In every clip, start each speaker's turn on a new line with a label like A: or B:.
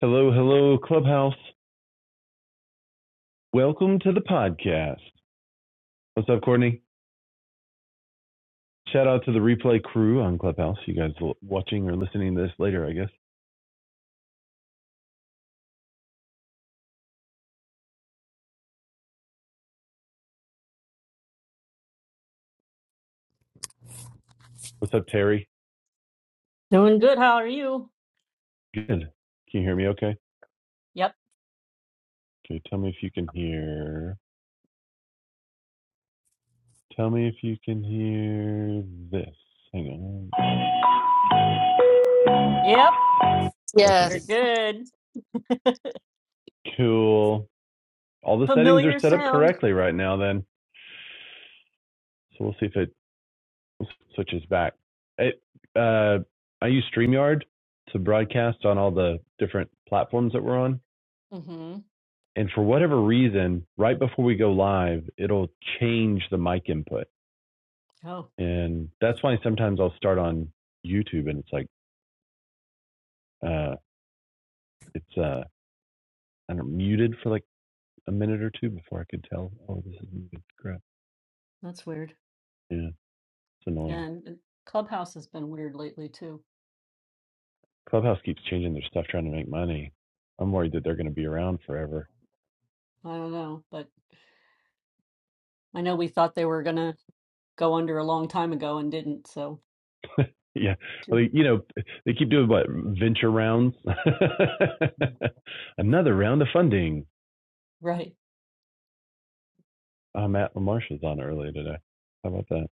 A: Hello, hello, Clubhouse. Welcome to the podcast. What's up, Courtney? Shout out to the replay crew on Clubhouse. You guys watching or listening to this later, I guess. What's up, Terry?
B: Doing good. How are you?
A: Good. Can you hear me okay?
B: Yep.
A: Okay, tell me if you can hear. Tell me if you can hear this. Hang on.
B: Yep.
A: Okay,
B: You're
A: good.
C: Yes.
B: good.
A: Cool. All the settings are
B: Familiar
A: set up
B: sound.
A: correctly right now, then. So we'll see if it switches back. It, uh, I use StreamYard to broadcast on all the different platforms that we're on
B: Mm-hmm.
A: And for whatever reason, right before we go live, it'll change the mic input.
B: Oh,
A: And that's why sometimes I'll start on YouTube and it's like, uh, it's, uh, I don't know, muted for like a minute or two before I could tell, oh, this is muted. Crap.
B: that's weird.
A: Yeah, it's annoying.
B: And it- Clubhouse has been weird lately too.
A: Clubhouse keeps changing their stuff trying to make money. I'm worried that they're going to be around forever.
B: I don't know, but I know we thought they were gonna go under a long time ago and didn't, so
A: yeah. Well,
B: Mm.
A: they, you know, they keep doing what? Venture rounds? Another round of funding.
B: right.
A: Oh, Matt LaMarche is on early today. How about that?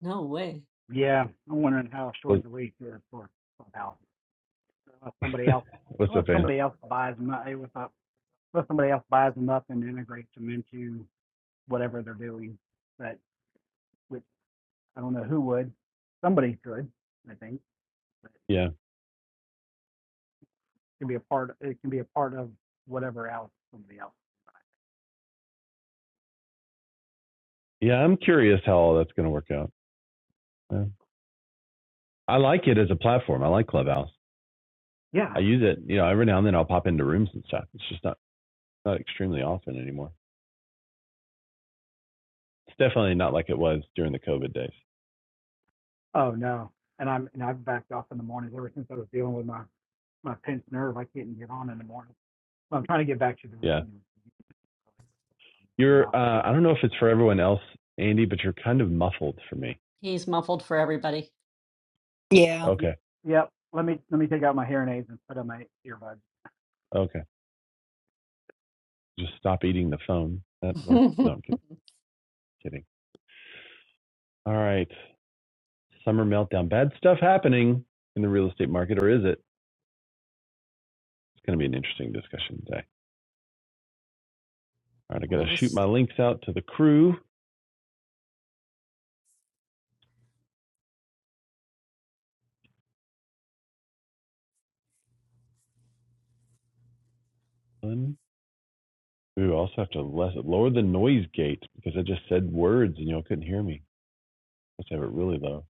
B: No way.
D: Yeah, I'm wondering how short
A: Was,
D: the week is for Clubhouse. Unless somebody else,
A: what's
D: unless
A: up, Annie?
D: somebody else buys them up, what's up? Unless somebody else buys them up and integrates them into whatever they're doing. But which I don't know who would. Somebody could, I think. But
A: Yeah,
D: it can be a part. It can be a part of whatever else somebody else.
A: yeah. I'm curious how all that's going to work out. Yeah. I like it as a platform. I like Clubhouse.
D: Yeah.
A: I use it. You know, every now and then I'll pop into rooms and stuff. It's just not not extremely often anymore. It's definitely not like it was during the COVID days.
D: Oh no. And I'm and I've backed off in the mornings ever since I was dealing with my my pinched nerve. I couldn't get on in the morning. So I'm trying to get back to the
A: Yeah.
D: routine. Being
A: You're.
D: off of the
A: Uh, I don't know if
D: medication
A: it's
D: now.
A: for everyone else, Andy, but you're kind of muffled for me.
B: He's muffled for everybody.
C: Yeah.
D: Yeah,
A: Okay.
D: yeah. Let me let me take out my hearing aids and put on my earbuds.
A: Okay. Just stop eating the phone. That worked. No, I'm kidding. Kidding. All right. Summer meltdown. Bad stuff happening in the real estate market, or is it? It's going to be an interesting discussion today. All right, I got
B: Well,
A: to
B: that
A: shoot
B: was
A: my links out to the crew. Ooh, I also have to less, lower the noise gate because I just said words and y'all couldn't hear me. Let's have it really low.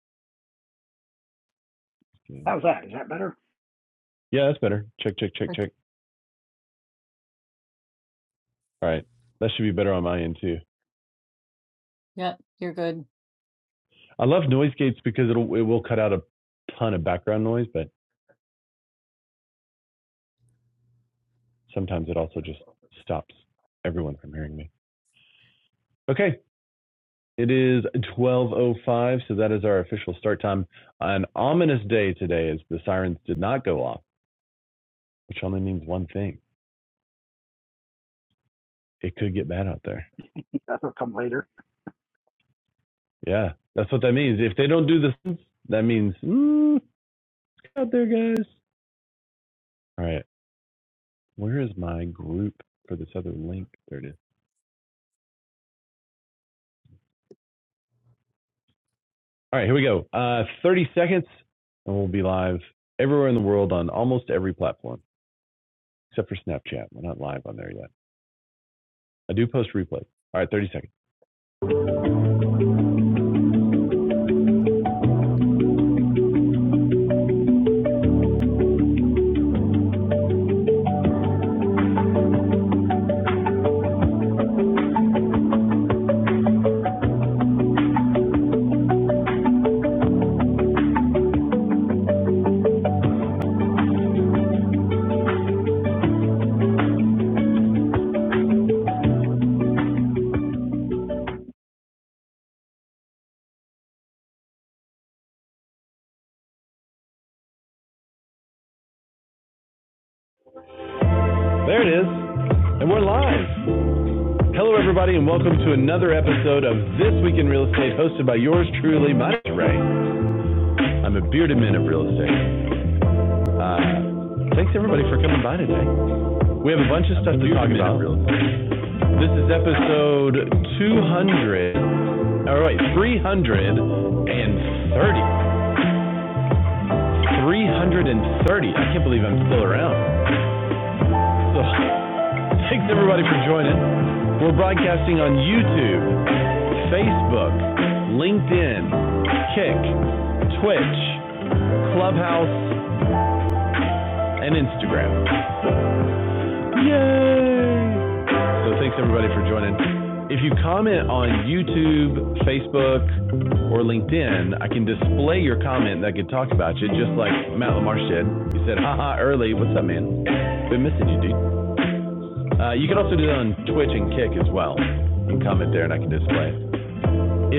D: How's that? Is that better?
A: Yeah, that's better. Check, check, check,
B: uh,
A: check. All right, that should be better on my end too.
B: yep, you're good.
A: I love noise gates because it'll it will cut out a ton of background noise, but sometimes it also just stops everyone from hearing me. Okay, it is 12:05, so that is our official start time. An ominous day today, as the sirens did not go off, which only means one thing. it could get bad out there.
D: That'll come later.
A: Yeah, that's what that means. If they don't do this, that means mm, out there, guys. All right, where is my group for this other link? There it is. All right, here we go. Uh, 30 seconds, and we'll be live everywhere in the world on almost every platform except for Snapchat. We're not live on there yet. I do post replay. All right, 30 seconds. There it is. And we're live. Hello, everybody, and welcome to another episode of This Week in Real Estate, hosted by yours truly, Mike Ray. I'm a bearded man of real estate. Uh, thanks everybody for coming by today. We have a bunch of stuff to talk about. This is episode 200. All right, 330. 330. I can't believe I'm still around. So, thanks everybody for joining. We're broadcasting on YouTube, Facebook, LinkedIn, Kick, Twitch, Clubhouse, and Instagram. Yay! So thanks everybody for joining. If you comment on YouTube, Facebook, or LinkedIn, I can display your comment that I could talk about you, just like Matt Lamar did. He said, haha, early. What's up, man? Been missing you, dude. Uh, you can also do that on Twitch and Kick as well. You can comment there and I can display it.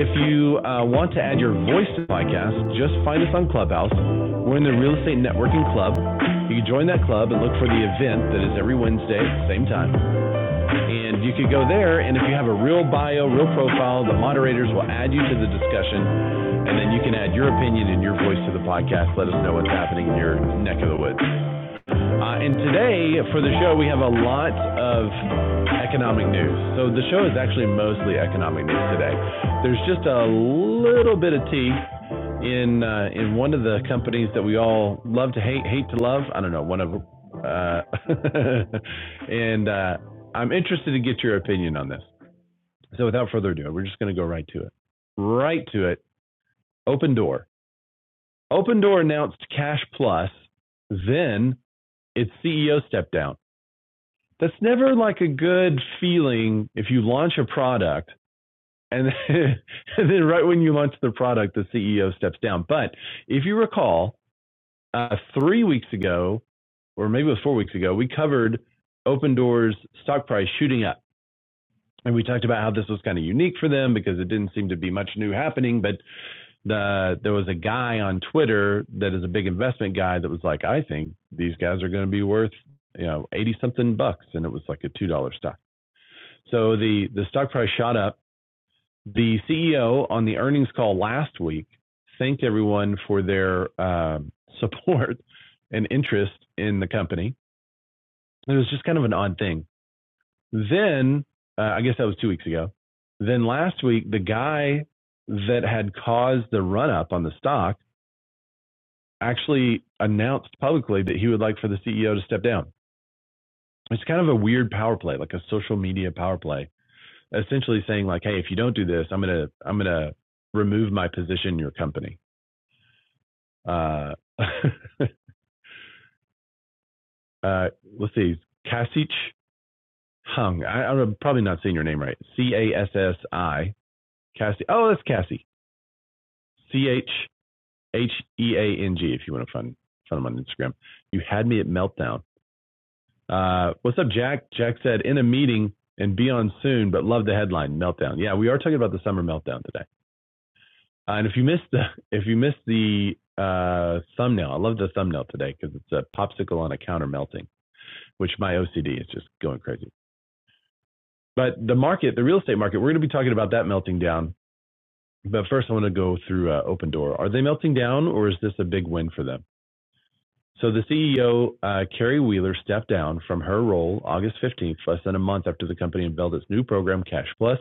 A: If you uh, want to add your voice to the podcast, just find us on Clubhouse. We're in the Real Estate Networking Club. You can join that club and look for the event that is every Wednesday at the same time. And you could go there, and if you have a real bio, real profile, the moderators will add you to the discussion, and then you can add your opinion and your voice to the podcast. Let us know what's happening in your neck of the woods. Uh, and today for the show, we have a lot of economic news. So the show is actually mostly economic news today. There's just a little bit of tea in uh, in one of the companies that we all love to hate, hate to love. I don't know, one of them. Uh, and uh, I'm interested to get your opinion on this. So without further ado, we're just going to go right to it. Right to it. Open Door. Open Door announced Cash Plus, then its CEO stepped down. that's never like a good feeling if you launch a product and then, and then right when you launch the product, the CEO steps down. But if you recall, uh, three weeks ago, or maybe it was four weeks ago, we covered Open Doors stock price shooting up. And we talked about how this was kind of unique for them because it didn't seem to be much new happening. But the, there was a guy on Twitter that is a big investment guy that was like, I think these guys are going to be worth, you know, 80 something bucks. And it was like a $2 stock. So the, the stock price shot up. The CEO on the earnings call last week thanked everyone for their um, support and interest in the company. It was just kind of an odd thing. Then, uh, I guess that was two weeks ago. Then last week, the guy that had caused the run up on the stock actually announced publicly that he would like for the CEO to step down. It's kind of a weird power play, like a social media power play. essentially saying like, hey, if you don't do this, I'm gonna I'm gonna remove my position in your company. Uh, uh, let's see, Kasich Hung. I, I'm probably not saying your name right. C A S S I Cassie. Oh, that's Cassie. C H H E A N G. If you want to find find him on Instagram, you had me at meltdown. Uh, what's up, Jack? Jack said in a meeting and be on soon, but love the headline meltdown. Yeah, we are talking about the summer meltdown today. Uh, and if you missed the if you missed the uh, thumbnail, I love the thumbnail today because it's a popsicle on a counter melting, which my OCD is just going crazy. But the market, the real estate market, we're going to be talking about that melting down. But first, I want to go through uh, Open Door. Are they melting down, or is this a big win for them? So the CEO, uh, Carrie Wheeler, stepped down from her role August 15th, less than a month after the company unveiled its new program, Cash Plus,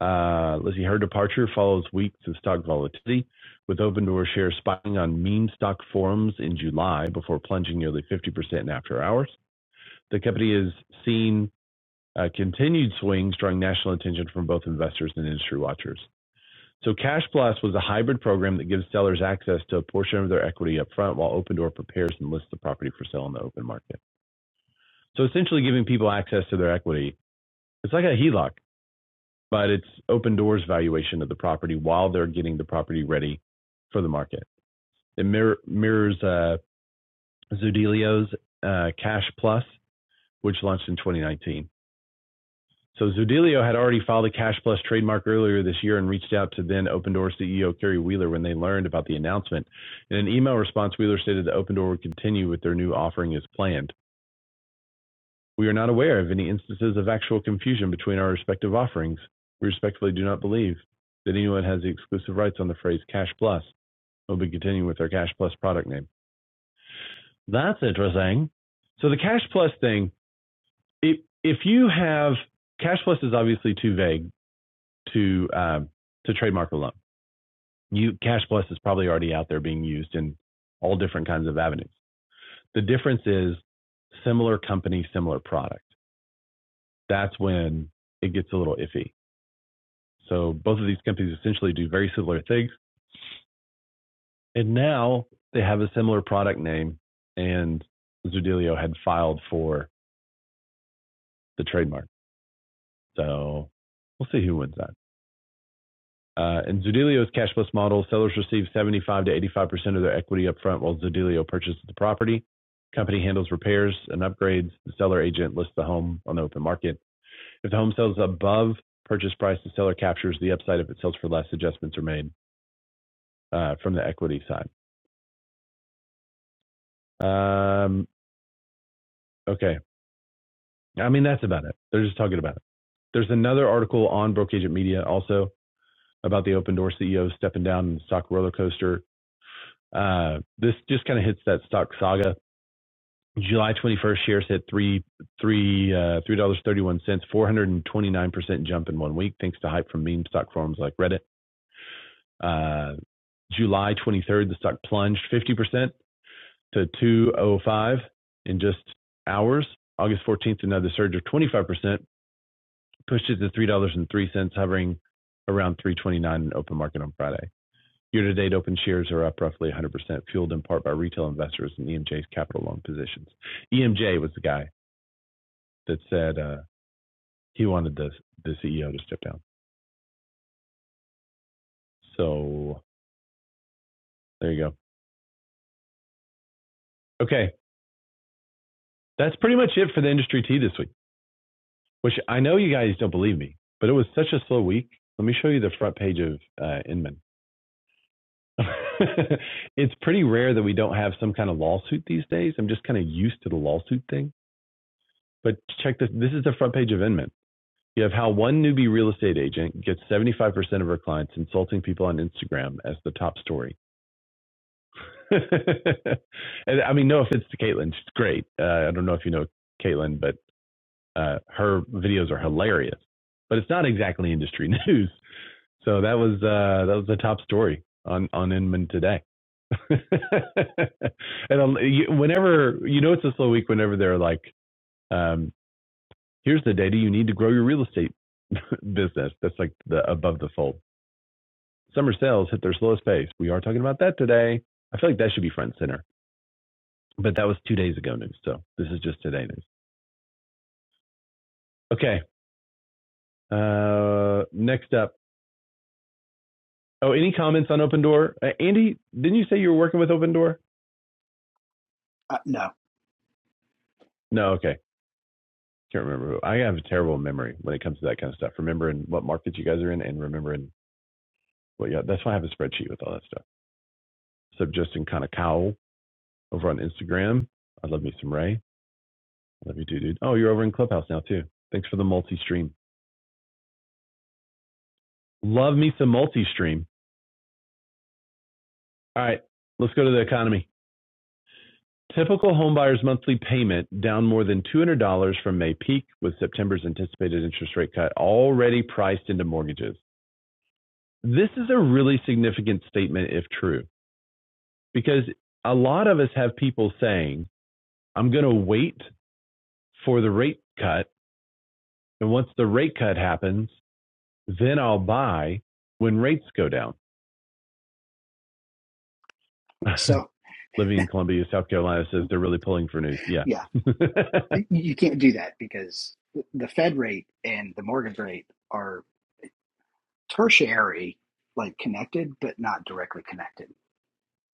A: Uh, let's see, her departure follows weeks of stock volatility, with Opendoor shares spiking on meme stock forums in July before plunging nearly 50% in after hours. The company has seen uh, continued swings, drawing national attention from both investors and industry watchers. So, Cash Plus was a hybrid program that gives sellers access to a portion of their equity upfront, while Opendoor prepares and lists the property for sale in the open market. So, essentially, giving people access to their equity. It's like a HELOC but it's Open Doors' valuation of the property while they're getting the property ready for the market. It mirror, mirrors uh, Zudilio's uh, Cash Plus, which launched in 2019. So Zudilio had already filed a Cash Plus trademark earlier this year and reached out to then Open Door CEO Kerry Wheeler when they learned about the announcement. In an email response, Wheeler stated that Open Door would continue with their new offering as planned. We are not aware of any instances of actual confusion between our respective offerings. We respectfully do not believe that anyone has the exclusive rights on the phrase Cash Plus. We'll be continuing with our Cash Plus product name. That's interesting. So the Cash Plus thing, if if you have Cash Plus is obviously too vague to um, to trademark alone. You Cash Plus is probably already out there being used in all different kinds of avenues. The difference is similar company, similar product. That's when it gets a little iffy. So both of these companies essentially do very similar things. And now they have a similar product name, and Zudilio had filed for the trademark. So we'll see who wins that. Uh, and Zudilio's cashless model, sellers receive 75 to 85% of their equity upfront while Zudilio purchases the property. Company handles repairs and upgrades. The seller agent lists the home on the open market. If the home sells above purchase price, the seller captures the upside. If it sells for less, adjustments are made uh, from the equity side. Um, Okay. I mean, that's about it. They're just talking about it. There's another article on Broke Agent Media also about the Open Door CEO stepping down in the stock roller coaster. Uh, this just kind of hits that stock saga. July 21st shares hit three three uh, three dollars thirty one cents, 429 percent jump in one week, thanks to hype from meme stock forums like Reddit. Uh, July 23rd, the stock plunged 50 percent to 205 in just hours. August 14th, another surge of 25 percent pushed it to $3.03, hovering around three twenty-nine in open market on Friday. Year-to-date, open shares are up roughly 100%, fueled in part by retail investors in EMJ's capital loan positions. EMJ was the guy that said uh, he wanted the, the CEO to step down. So there you go. Okay, that's pretty much it for the industry tea this week, which I know you guys don't believe me, but it was such a slow week. Let me show you the front page of uh, Inman. it's pretty rare that we don't have some kind of lawsuit these days. I'm just kind of used to the lawsuit thing. But check this this is the front page of Inman. You have how one newbie real estate agent gets 75% of her clients insulting people on Instagram as the top story. and I mean, no offense to Caitlin, she's great. Uh, I don't know if you know Caitlin, but uh, her videos are hilarious. But it's not exactly industry news. So that was uh, that was the top story on on Inman today. and whenever you know it's a slow week, whenever they're like, um, "Here's the data you need to grow your real estate business." That's like the above the fold. Summer sales hit their slowest pace. We are talking about that today. I feel like that should be front and center, but that was two days ago news. So this is just today news. Okay. Uh, next up. Oh, any comments on Open Door? Uh, Andy, didn't you say you were working with Open Door?
D: Uh, no.
A: No. Okay. can't remember who. I have a terrible memory when it comes to that kind of stuff. Remembering what market you guys are in and remembering what yeah, that's why I have a spreadsheet with all that stuff. So Justin kind of cowl over on Instagram. I love me some Ray. I love you too, dude. Oh, you're over in Clubhouse now too. Thanks for the multi stream. Love me some multi stream. All right, let's go to the economy. Typical homebuyer's monthly payment down more than $200 from May peak, with September's anticipated interest rate cut already priced into mortgages. This is a really significant statement if true. because a lot of us have people saying, I'm going to wait for the rate cut. And once the rate cut happens, then I'll buy when rates go down.
D: So,
A: Living in Columbia, South Carolina says they're really pulling for news. Yeah.
D: yeah, you you can't do that because the Fed rate and the mortgage rate are tertiary, like connected, but not directly connected.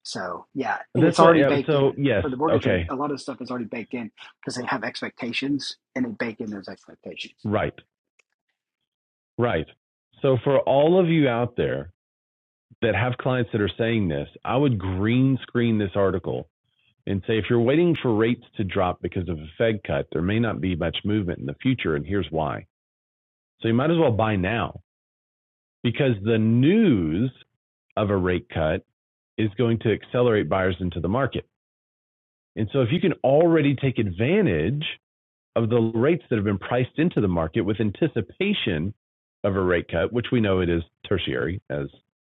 D: So, yeah, and it's
A: That's what,
D: already
A: yeah,
D: baked
A: so
D: in.
A: yes,
D: For the mortgage rate,
A: okay,
D: a lot of stuff is already baked in because they have expectations and they bake in those expectations.
A: right, right. So for all of you out there that have clients that are saying this, I would green screen this article and say if you're waiting for rates to drop because of a Fed cut, there may not be much movement in the future, and here's why. So you might as well buy now because the news of a rate cut is going to accelerate buyers into the market. And so if you can already take advantage of the rates that have been priced into the market with anticipation of a rate cut, which we know it is tertiary, as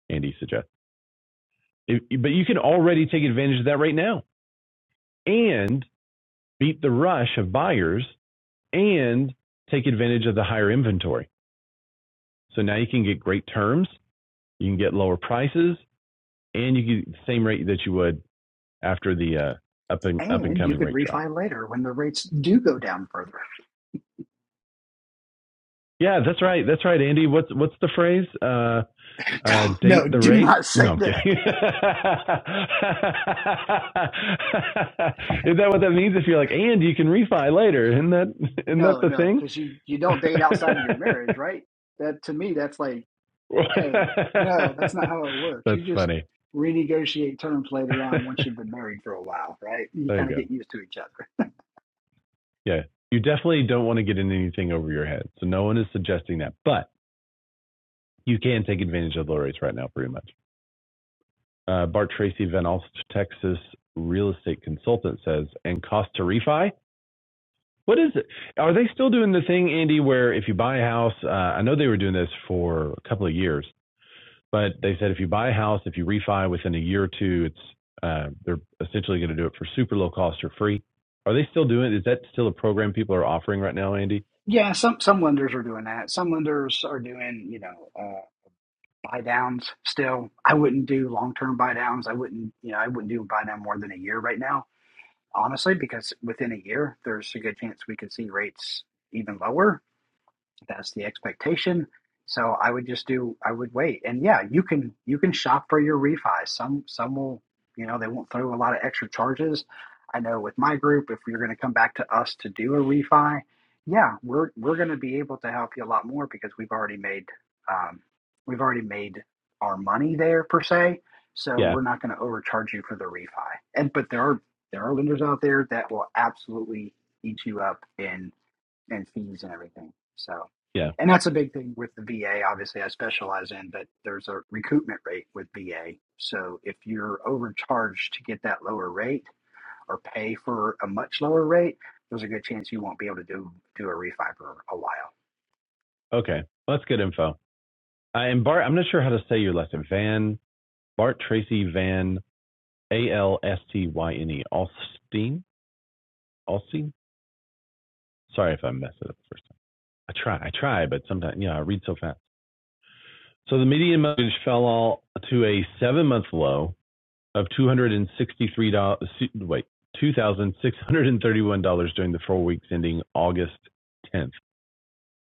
A: Andy suggests, it, but you can already take advantage of that right now and beat the rush of buyers and take advantage of the higher inventory. So now you can get great terms, you can get lower prices, and you get the same rate that you would after the uh, up and up and
D: And you
A: coming
D: could
A: rate drop.
D: refi later when the rates do go down further.
A: Yeah, that's right. That's right, Andy. What's what's the phrase? Uh, uh,
D: no,
A: date the
D: do
A: rate?
D: not
A: No,
D: say
A: I'm kidding.
D: that.
A: Is that what that means? If you're like, and you can refi later, isn't that isn't that
D: No,
A: the
D: no,
A: thing?
D: because you you don't date outside of your marriage, right? That to me, that's like, hey, no, that's not how it works. You
A: that's
D: just
A: funny.
D: renegotiate terms later on once you've been married for a while, right? You
A: There you
D: kind of
A: go.
D: get used to each other.
A: Yeah. You definitely don't want to get in anything over your head. So no one is suggesting that. But you can take advantage of low rates right now, pretty much. Uh, Bart Tracy, Van Alst, Texas real estate consultant says, and cost to refi? What is it? Are they still doing the thing, Andy, where if you buy a house, uh, I know they were doing this for a couple of years, but they said if you buy a house, if you refi within a year or two, it's uh, they're essentially going to do it for super low cost or free. Are they still doing? it? Is that still a program people are offering right now, Andy?
D: Yeah, some some lenders are doing that. Some lenders are doing, you know, uh, buy downs still. I wouldn't do long term buy downs. I wouldn't, you know, I wouldn't do a buy down more than a year right now, honestly, because within a year, there's a good chance we could see rates even lower That's the expectation. So I would just do I would wait. And yeah, you can you can shop for your refi. Some some will, you know, they won't throw a lot of extra charges. I know with my group, if you're going to come back to us to do a refi, yeah, we're we're going to be able to help you a lot more because we've already made um, we've already made our money there per se. So
A: Yeah,
D: we're not going to overcharge you for the refi. And but there are there are lenders out there that will absolutely eat you up in and fees and everything. So,
A: yeah.
D: and that's a big thing with the VA. Obviously, I specialize in, but there's a recoupment rate with VA. So if you're overcharged to get that lower rate or pay for a much lower rate, there's a good chance you won't be able to do do a refi for a while.
A: Okay, well, that's good info. I'm Bart, I'm not sure how to say your last name. Van Bart Tracy Van A L S T Y N E Alstein Alstein. Sorry if I messed it up the first time. I try, I try, but sometimes you know I read so fast. So the median mortgage fell all to a seven-month low of two hundred and sixty-three dollars. Wait, two thousand six hundred and thirty-one dollars during the four weeks ending August 10th.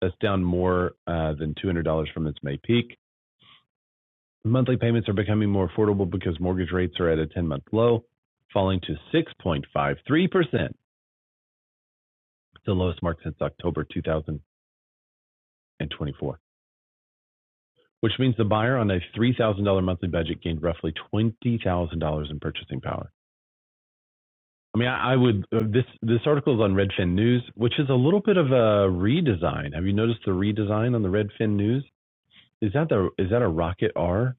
A: That's down more uh, than two hundred dollars from its May peak. Monthly payments are becoming more affordable because mortgage rates are at a 10 month low, falling to 6.53%, the lowest mark since October 2024, which means the buyer on a $3,000 monthly budget gained roughly $20,000 in purchasing power. I mean, I, I would, uh, this, this article is on Redfin News, which is a little bit of a redesign. Have you noticed the redesign on the Redfin News? Is that the, is that a Rocket R?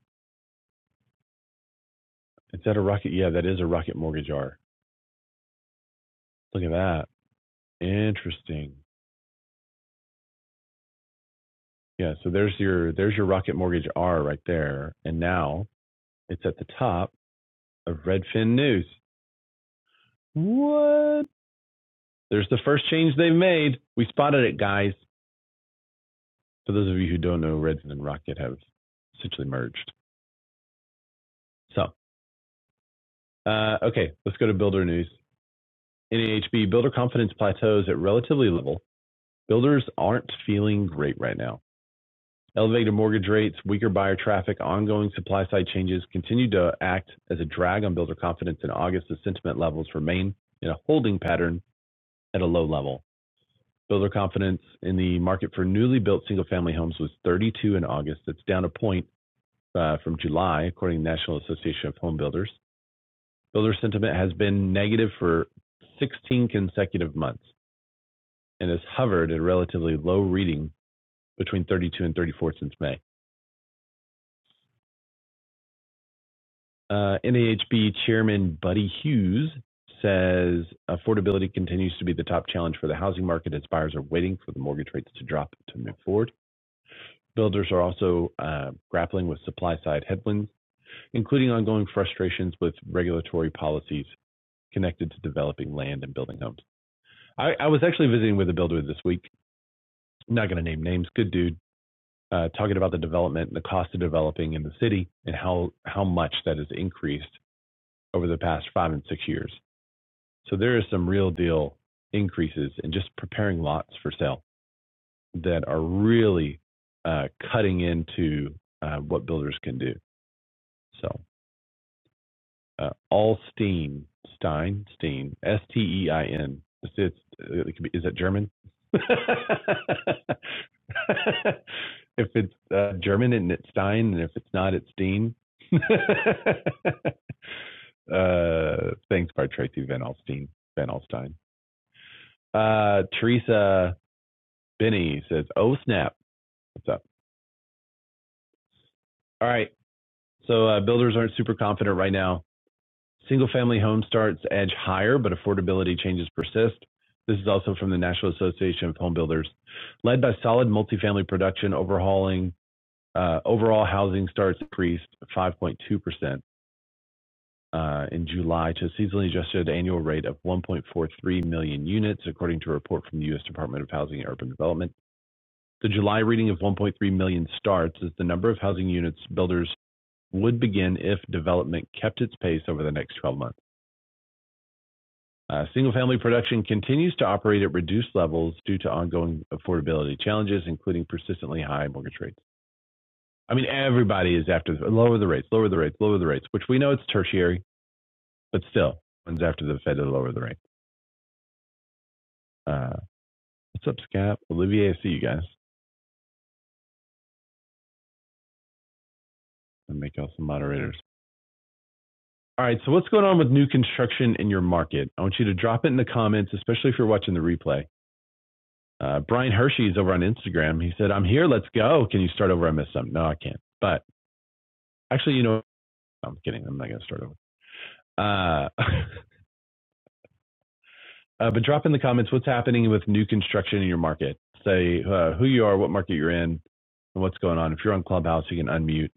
A: Is that a Rocket? Yeah, that is a Rocket Mortgage R. Look at that. Interesting. Yeah, so there's your there's your Rocket Mortgage R right there, and now it's at the top of Redfin News. What? There's the first change they've made. We spotted it, guys. For those of you who don't know, Redfin and Rocket have essentially merged. So, uh, okay, let's go to builder news. NAHB builder confidence plateaus at relatively level. Builders aren't feeling great right now. Elevated mortgage rates, weaker buyer traffic, ongoing supply side changes continued to act as a drag on builder confidence in August as sentiment levels remain in a holding pattern at a low level. Builder confidence in the market for newly built single family homes was 32 in August. That's down a point uh, from July, according to the National Association of Home Builders. Builder sentiment has been negative for 16 consecutive months and has hovered at a relatively low reading between 32 and 34 since May. Uh, NAHB Chairman Buddy Hughes says affordability continues to be the top challenge for the housing market as buyers are waiting for the mortgage rates to drop to move forward. Builders are also uh, grappling with supply side headwinds, including ongoing frustrations with regulatory policies connected to developing land and building homes. I, I was actually visiting with a builder this week. I'm not going to name names. Good dude. Uh, talking about the development and the cost of developing in the city and how how much that has increased over the past five and six years. So there is some real deal increases in just preparing lots for sale that are really uh, cutting into uh, what builders can do. So uh, Allstein Stein Stein S T E I N. It's, uh, it could be, is that German? if it's uh, German and it's Stein, and if it's not, it's Steen. uh, thanks, by Tracy Van Alstein. Van Alstein. Uh, Teresa Benny says, "Oh snap, what's up?" All right, so uh, builders aren't super confident right now. Single-family home starts edge higher, but affordability changes persist. This is also from the National Association of Home Builders, led by solid multifamily production overhauling. Uh, overall housing starts increased 5.2 percent uh, in July to a seasonally adjusted annual rate of 1.43 million units, according to a report from the U.S. Department of Housing and Urban Development. The July reading of 1.3 million starts is the number of housing units builders would begin if development kept its pace over the next 12 months. Uh, Single-family production continues to operate at reduced levels due to ongoing affordability challenges, including persistently high mortgage rates. I mean, everybody is after the, lower the rates, lower the rates, lower the rates, which we know it's tertiary, but still, one's after the Fed to lower the rate. Uh, what's up, Scap? Olivier, I see you guys. I'll make y'all some moderators. All right, so what's going on with new construction in your market? I want you to drop it in the comments, especially if you're watching the replay. Uh, Brian Hershey is over on Instagram. He said, "I'm here. Let's go. Can you start over? I missed something. No, I can't. But actually, you know, I'm kidding. I'm not going to start over. Uh, uh, but drop in the comments what's happening with new construction in your market. Say uh, who you are, what market you're in, and what's going on. If you're on Clubhouse, you can unmute.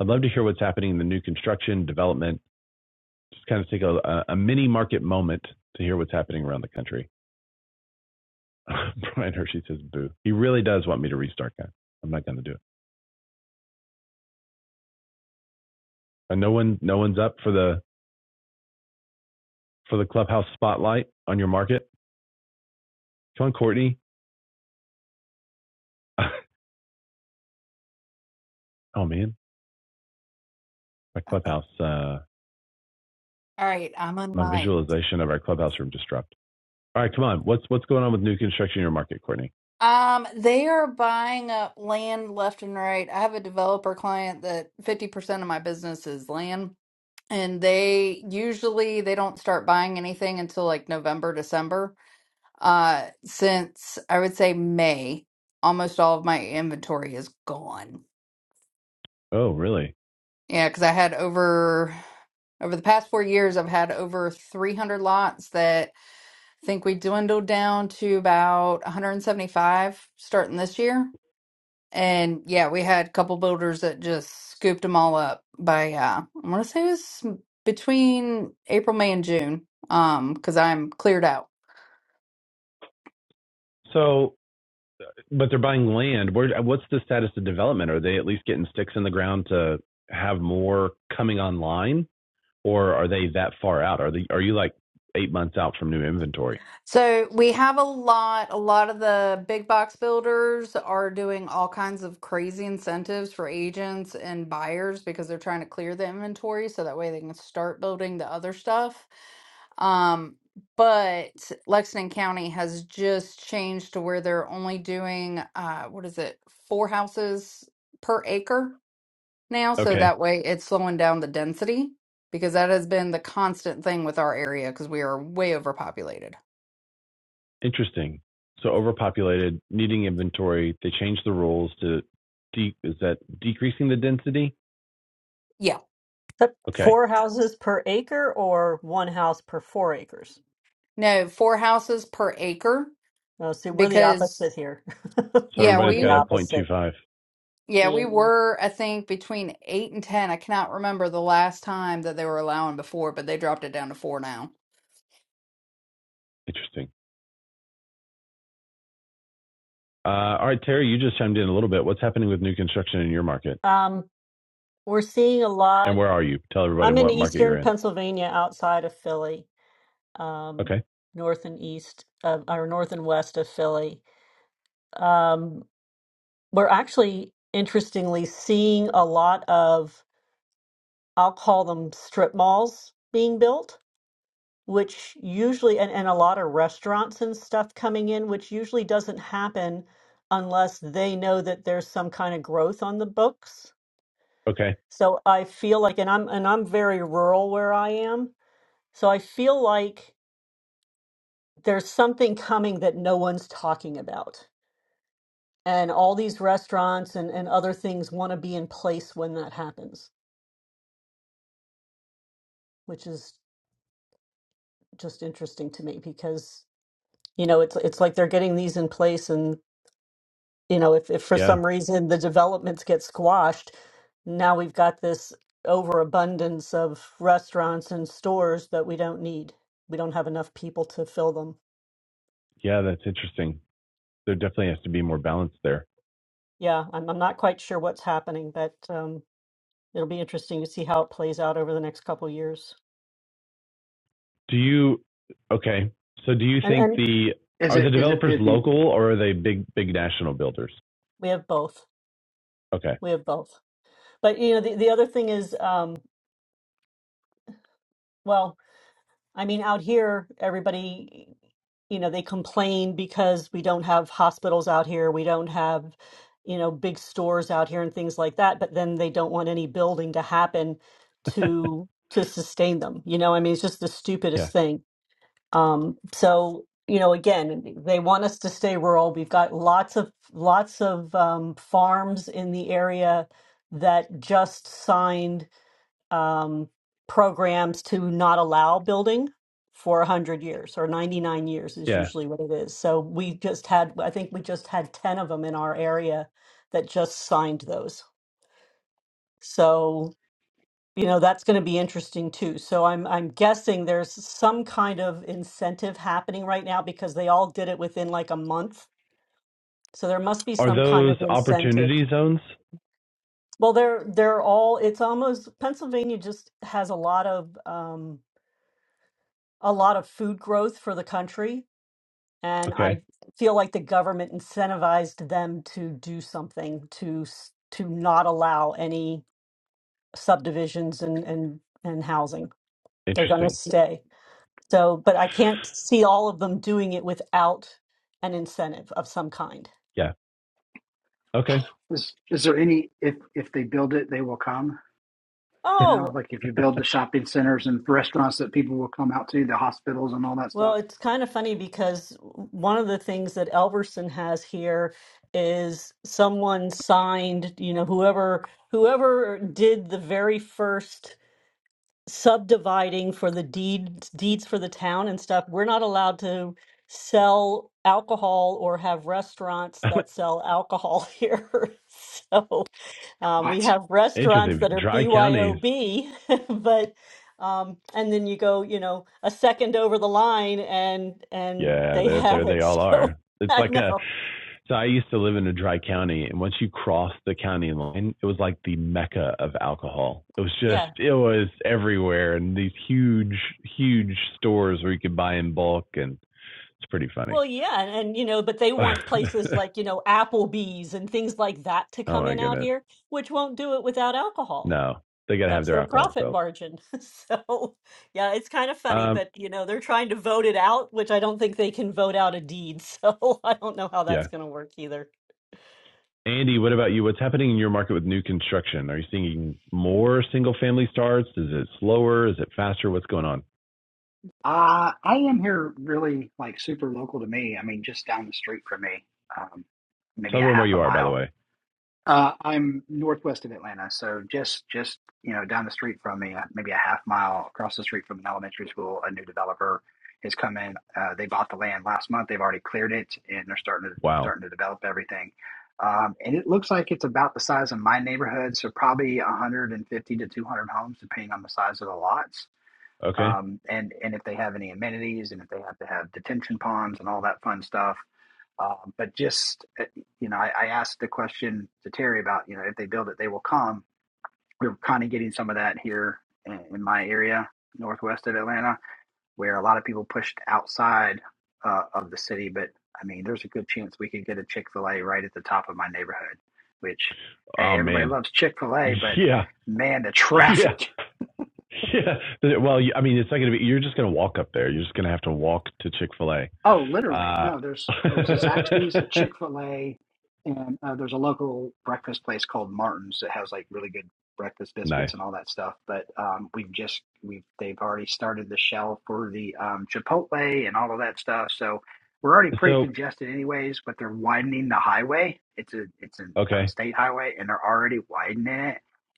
A: I'd love to hear what's happening in the new construction development. Just kind of take a, a, mini market moment to hear what's happening around the country. Brian Hershey says, "Boo." He really does want me to restart, guys. I'm not going to do it. And no one, no one's up for the for the clubhouse spotlight on your market. Come on, Courtney. oh man, my
C: Okay.
A: clubhouse, uh,
C: All right. I'm on
A: my
C: mine.
A: visualization of our clubhouse room just dropped. All right, come on. What's what's going on with new construction in your market, Courtney?
C: Um, they are buying up land left and right. I have a developer client that 50% of my business is land, and they usually they don't start buying anything until like November, December. Uh, since I would say May, almost all of my inventory is gone.
A: Oh, really?
C: Yeah, because I had over over the past four years, I've had over 300 lots that. I think we dwindled down to about 175 starting this year. And yeah, we had a couple builders that just scooped them all up by uh I want to say it was between April, May, and June. Um, because I'm cleared out.
A: So, but they're buying land. Where, what's the status of development? Are they at least getting sticks in the ground to have more coming online, or are they that far out? Are they are you like eight months out from new inventory?
C: So we have a lot, a lot of the big box builders are doing all kinds of crazy incentives for agents and buyers because they're trying to clear the inventory so that way they can start building the other stuff. Um, but Lexington County has just changed to where they're only doing uh what is it, four houses per acre now, so
A: Okay.
C: that way it's slowing down the density because that has been the constant thing with our area because we are way overpopulated.
A: Interesting. So overpopulated, needing inventory, they changed the rules to de- is that decreasing the density?
C: Yeah.
B: that
A: Okay.
B: four houses per acre or one house per four acres?
C: No, four houses per acre
B: No, see, we're the
C: because
B: opposite here.
A: So
B: We're
C: yeah,
B: more
A: everybody's
C: we
B: the
A: got a
B: opposite.
A: 0.25.
C: yeah, we
B: Ian.
C: were I think between eight and ten. I cannot remember the last time that they were allowing before, but they dropped it down to four now.
A: Interesting. Uh, all right, Terry, you just chimed in a little bit. What's happening with new construction in your market?
B: Um, we're seeing a
A: And
B: lot.
A: where are you? Tell everybody
B: I'm in
A: what market you're
B: eastern
A: in.
B: Pennsylvania, outside of Philly, um,
A: Okay.
B: north and east of, or north and west of Philly. Um, we're actually, interestingly, seeing a lot of, I'll call them strip malls being built. which usually and, and a lot of restaurants and stuff coming in, which usually doesn't happen unless they know that there's some kind of growth on the books.
A: Okay.
B: So I feel like and I'm and I'm very rural where I am. So I feel like there's something coming that no one's talking about. And all these restaurants and, and other things want to be in place when that happens, which is just interesting to me because you know it's it's like they're getting these in place and. you know, if, if for
A: Yeah.
B: some reason the developments get squashed, now we've got this overabundance of restaurants and stores that we don't need. We don't have enough people to fill them.
A: Yeah, that's interesting. There definitely has to be more balance there.
B: Yeah, I'm I'm not quite sure what's happening, but um, it'll be interesting to see how it plays out over the next couple of years.
A: Do you okay. So do you
B: And
A: think
B: and
A: the
D: Is
A: are
D: it
A: the
D: is it
A: developers
D: if the
A: local or are they big big national builders?
B: we have both.
A: Okay.
B: We have both. But you know, the, the other thing is, um, well, I mean, out here, everybody, you know, they complain because we don't have hospitals out here. We don't have, you know, big stores out here and things like that. But then they don't want any building to happen to to sustain them. You know, I mean, it's just the
A: Yeah.
B: stupidest thing. Um, so, you know, again, they want us to stay rural. We've got lots of lots of um, farms in the area that just signed um, programs to not allow building for 100 years or 99 years is
A: Yeah.
B: usually what it is. So we just had, I think we just had 10 of them in our area that just signed those. So, you know, that's going to be interesting too. So I'm, I'm guessing there's some kind of incentive happening right now because they all did it within like a month. So there must be
A: Are
B: some kind
A: those
B: of incentive.
A: opportunity zones?
B: Well, they're, they're all, it's almost, Pennsylvania just has a lot of, um, a lot of food growth for the country. And
A: Okay,
B: I feel like the government incentivized them to do something to s- to not allow any subdivisions and and and housing. They're going to
A: interesting.
B: stay. So, but I can't see all of them doing it without an incentive of some kind.
A: Yeah. Okay,
D: is, is there any if if they build it they will come? You
B: Oh,
D: know, like if you build the shopping centers and restaurants that people will come out to, the hospitals and all that
B: well,
D: stuff.
B: it's kind of funny because one of the things that Elverson has here is someone signed, you know, whoever whoever did the very first subdividing for the deeds deeds for the town and stuff, we're not allowed to sell alcohol or have restaurants that sell alcohol here. So um, we have restaurants
A: interesting.
B: that are
A: Dry counties.
B: BYOB, but um, and then you go, you know, a second over the line and and
A: Yeah,
B: they
A: there, there
B: have it.
A: they all are.
B: So
A: It's
B: I
A: like a.
B: know.
A: So I used to live in a dry county, and once you crossed the county line, it was like the mecca of alcohol. It was
B: Yeah.
A: just, it was everywhere, and these huge, huge stores where you could buy in bulk, and it's pretty funny.
B: Well, yeah, and, and you know, but they
A: oh
B: want places like, you know, Applebee's and things like that to come
A: my
B: in out
A: goodness.
B: here, which won't do it without alcohol.
A: No, they gotta have
B: That's
A: their
B: their
A: alcohol
B: profit
A: sales.
B: margin. So, yeah, it's kind of funny,
A: Um,
B: but you know, they're trying to vote it out, which I don't think they can vote out a deed. So, I don't know how
A: yeah.
B: that's going to work either.
A: Andy, what about you? What's happening in your market with new construction? Are you seeing more single family starts? Is it slower? Is it faster? What's going on?
D: Uh, I am here really like super local to me. I mean, just down the street from me, um, maybe
A: Tell
D: a
A: everyone where
D: half a
A: you are, by the
D: mile.
A: way.
D: Uh, I'm northwest of Atlanta, so just just you know down the street from me, uh, maybe a half mile across the street from an elementary school. A new developer has come in. Uh, they bought the land last month. They've already cleared it, and they're starting to
A: Wow.
D: starting to develop everything. Um, and it looks like it's about the size of my neighborhood, so probably 150 to 200 homes, depending on the size of the lots
A: Okay.
D: um, and and if they have any amenities and if they have to have detention ponds and all that fun stuff. Uh, but just uh, you know, I, I asked the question to Terry about you know if they build it, they will come. We're kind of getting some of that here in, in my area, northwest of Atlanta, where a lot of people pushed outside uh, of the city. But I mean, there's a good chance we could get a Chick Fil A right at the top of my neighborhood. Which, hey,
A: Oh
D: everybody
A: man.
D: loves Chick Fil A, but
A: Yeah.
D: man, the
A: Yeah.
D: traffic
A: Yeah. Well, I mean, it's not gonna be. You're just gonna walk up there. You're just gonna have to walk to Chick Fil A.
D: Oh, literally.
A: Uh,
D: No, there's there's a Zaxby's, a Chick Fil A, and uh, there's a local breakfast place called Martin's that has like really good breakfast
A: nice.
D: biscuits and all that stuff. But um, we've just we've they've already started the shell for the um, Chipotle and all of that stuff. So we're already pretty
A: So,
D: congested anyways. But they're widening the highway. It's a it's a, uh
A: okay.
D: state highway, and they're already widening it.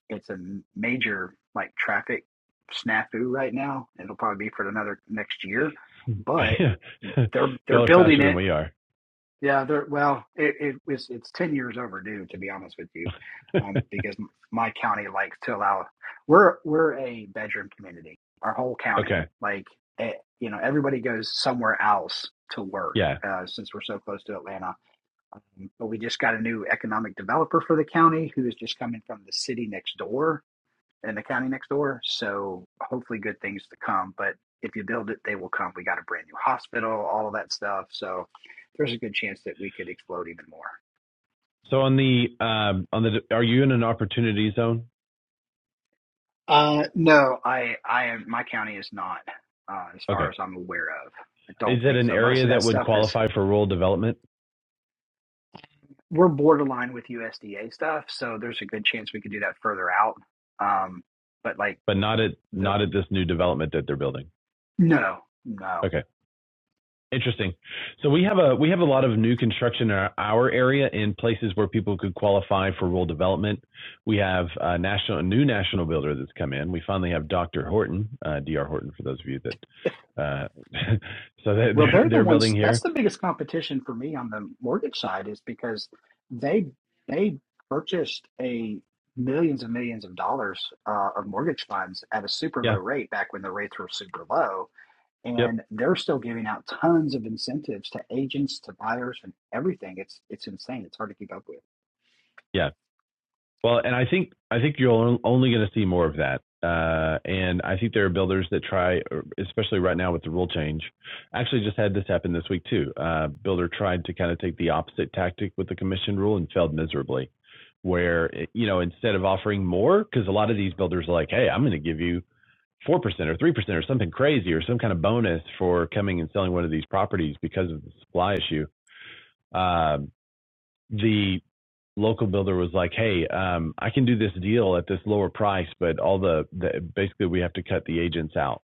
D: It's a major like traffic snafu right now. It'll probably be for another next year, but they're they're
A: Y'all are
D: building
A: faster than
D: it.
A: we are.
D: Yeah, they're well, it, it it's it's ten years overdue to be honest with you, um, because my county likes to allow. We're we're a bedroom community. Our whole county,
A: okay.
D: like eh, you know, everybody goes somewhere else to work
A: Yeah.
D: uh, since we're so close to Atlanta. Um, but we just got a new economic developer for the county who is just coming from the city next door in the county next door. So hopefully, good things to come. But if you build it, they will come. We got a brand new hospital, all of that stuff. So there's a good chance that we could explode even more.
A: So on the um on the, are you in an opportunity zone?
D: Uh, no, I, I am. My county is not, uh, as
A: Okay.
D: far as I'm aware of. I don't
A: Is it
D: think
A: an
D: so. Most of
A: area
D: that
A: that would
D: stuff is
A: qualify for rural development,
D: we're borderline with USDA stuff, so there's a good chance we could do that further out. Um, but like
A: but not at
D: the
A: not at this new development that they're building?
D: no, no.
A: Okay. Interesting. So we have a we have a lot of new construction in our, our area in places where people could qualify for rural development. We have a national a new national builder that's come in. We finally have Dr. Horton, uh, Dr. Horton, for those of you that uh, so
D: Well,
A: they're
D: they're the
A: they're building
D: ones. That's
A: here.
D: the biggest competition for me on the mortgage side is because they they purchased a millions and millions of dollars uh, of mortgage funds at a super low
A: Yeah.
D: rate back when the rates were super low,
A: Yep.
D: and they're still giving out tons of incentives to agents, to buyers, and everything. It's it's insane. It's hard to keep up with.
A: Yeah. Well, and I think I think you're only going to see more of that. Uh, and I think there are builders that try, especially right now with the rule change. Actually, just had this happen this week too. Uh, builder tried to kind of take the opposite tactic with the commission rule and failed miserably. Where eh, you know instead of offering more, because a lot of these builders are like, hey, I'm going to give you four percent or three percent or something crazy or some kind of bonus for coming and selling one of these properties because of the supply issue. Um, the local builder was like, "Hey, um, I can do this deal at this lower price, but all the, the basically we have to cut the agents out."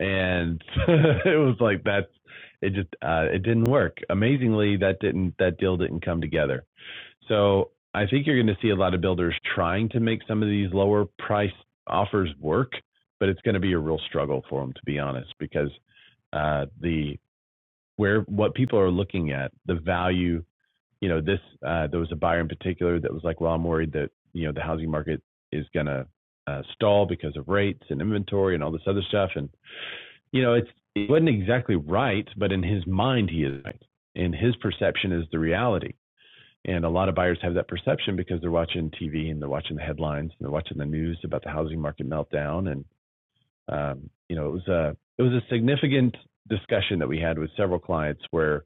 A: And it was like that's it just uh, it didn't work. Amazingly, that didn't that deal didn't come together. So I think you're going to see a lot of builders trying to make some of these lower price offers work, but it's going to be a real struggle for them to be honest because uh, the where what people are looking at the value you know, this uh, there was a buyer in particular that was like, well, I'm worried that you know the housing market is gonna uh, stall because of rates and inventory and all this other stuff. And you know, it's it wasn't exactly right, but in his mind, he is right. And his perception is the reality. And a lot of buyers have that perception because they're watching TV and they're watching the headlines and they're watching the news about the housing market meltdown and um, you know, it was a it was a significant discussion that we had with several clients where